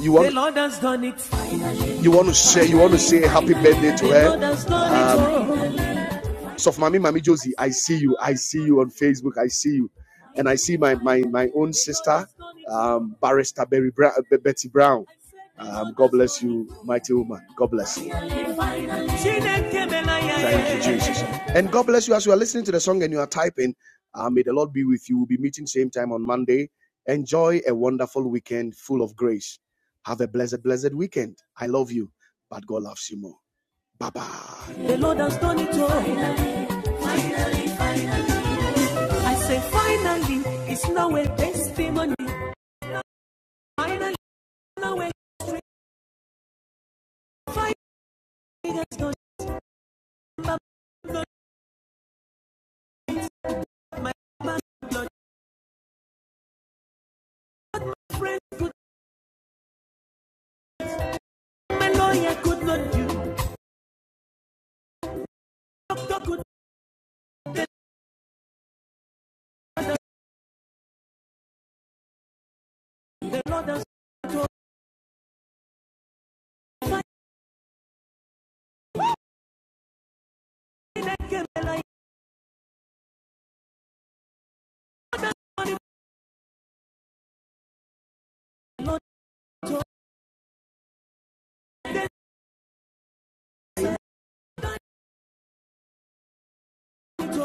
[SPEAKER 1] you want The Lord has done it you want to say you want to say happy birthday to her um so for mommy mommy josie i see you i see you on facebook i see you and i see my my my own sister um barrister Berry Bra- Betty Brown um, God bless you, mighty woman. God bless. you. Thank you, Jesus. And God bless you as you are listening to the song and you are typing. Uh, may the Lord be with you. We'll be meeting same time on Monday. Enjoy a wonderful weekend full of grace. Have a blessed, blessed weekend. I love you, but God loves you more. Bye bye. The Lord has done it all. Finally, finally, finally. I say, finally, it's now a testimony. Finally, now a testimony. finally, it has done. My- my- my- my- my friend. I know I could not do. Doctor could not the Lord has told. My neck and I want it not to.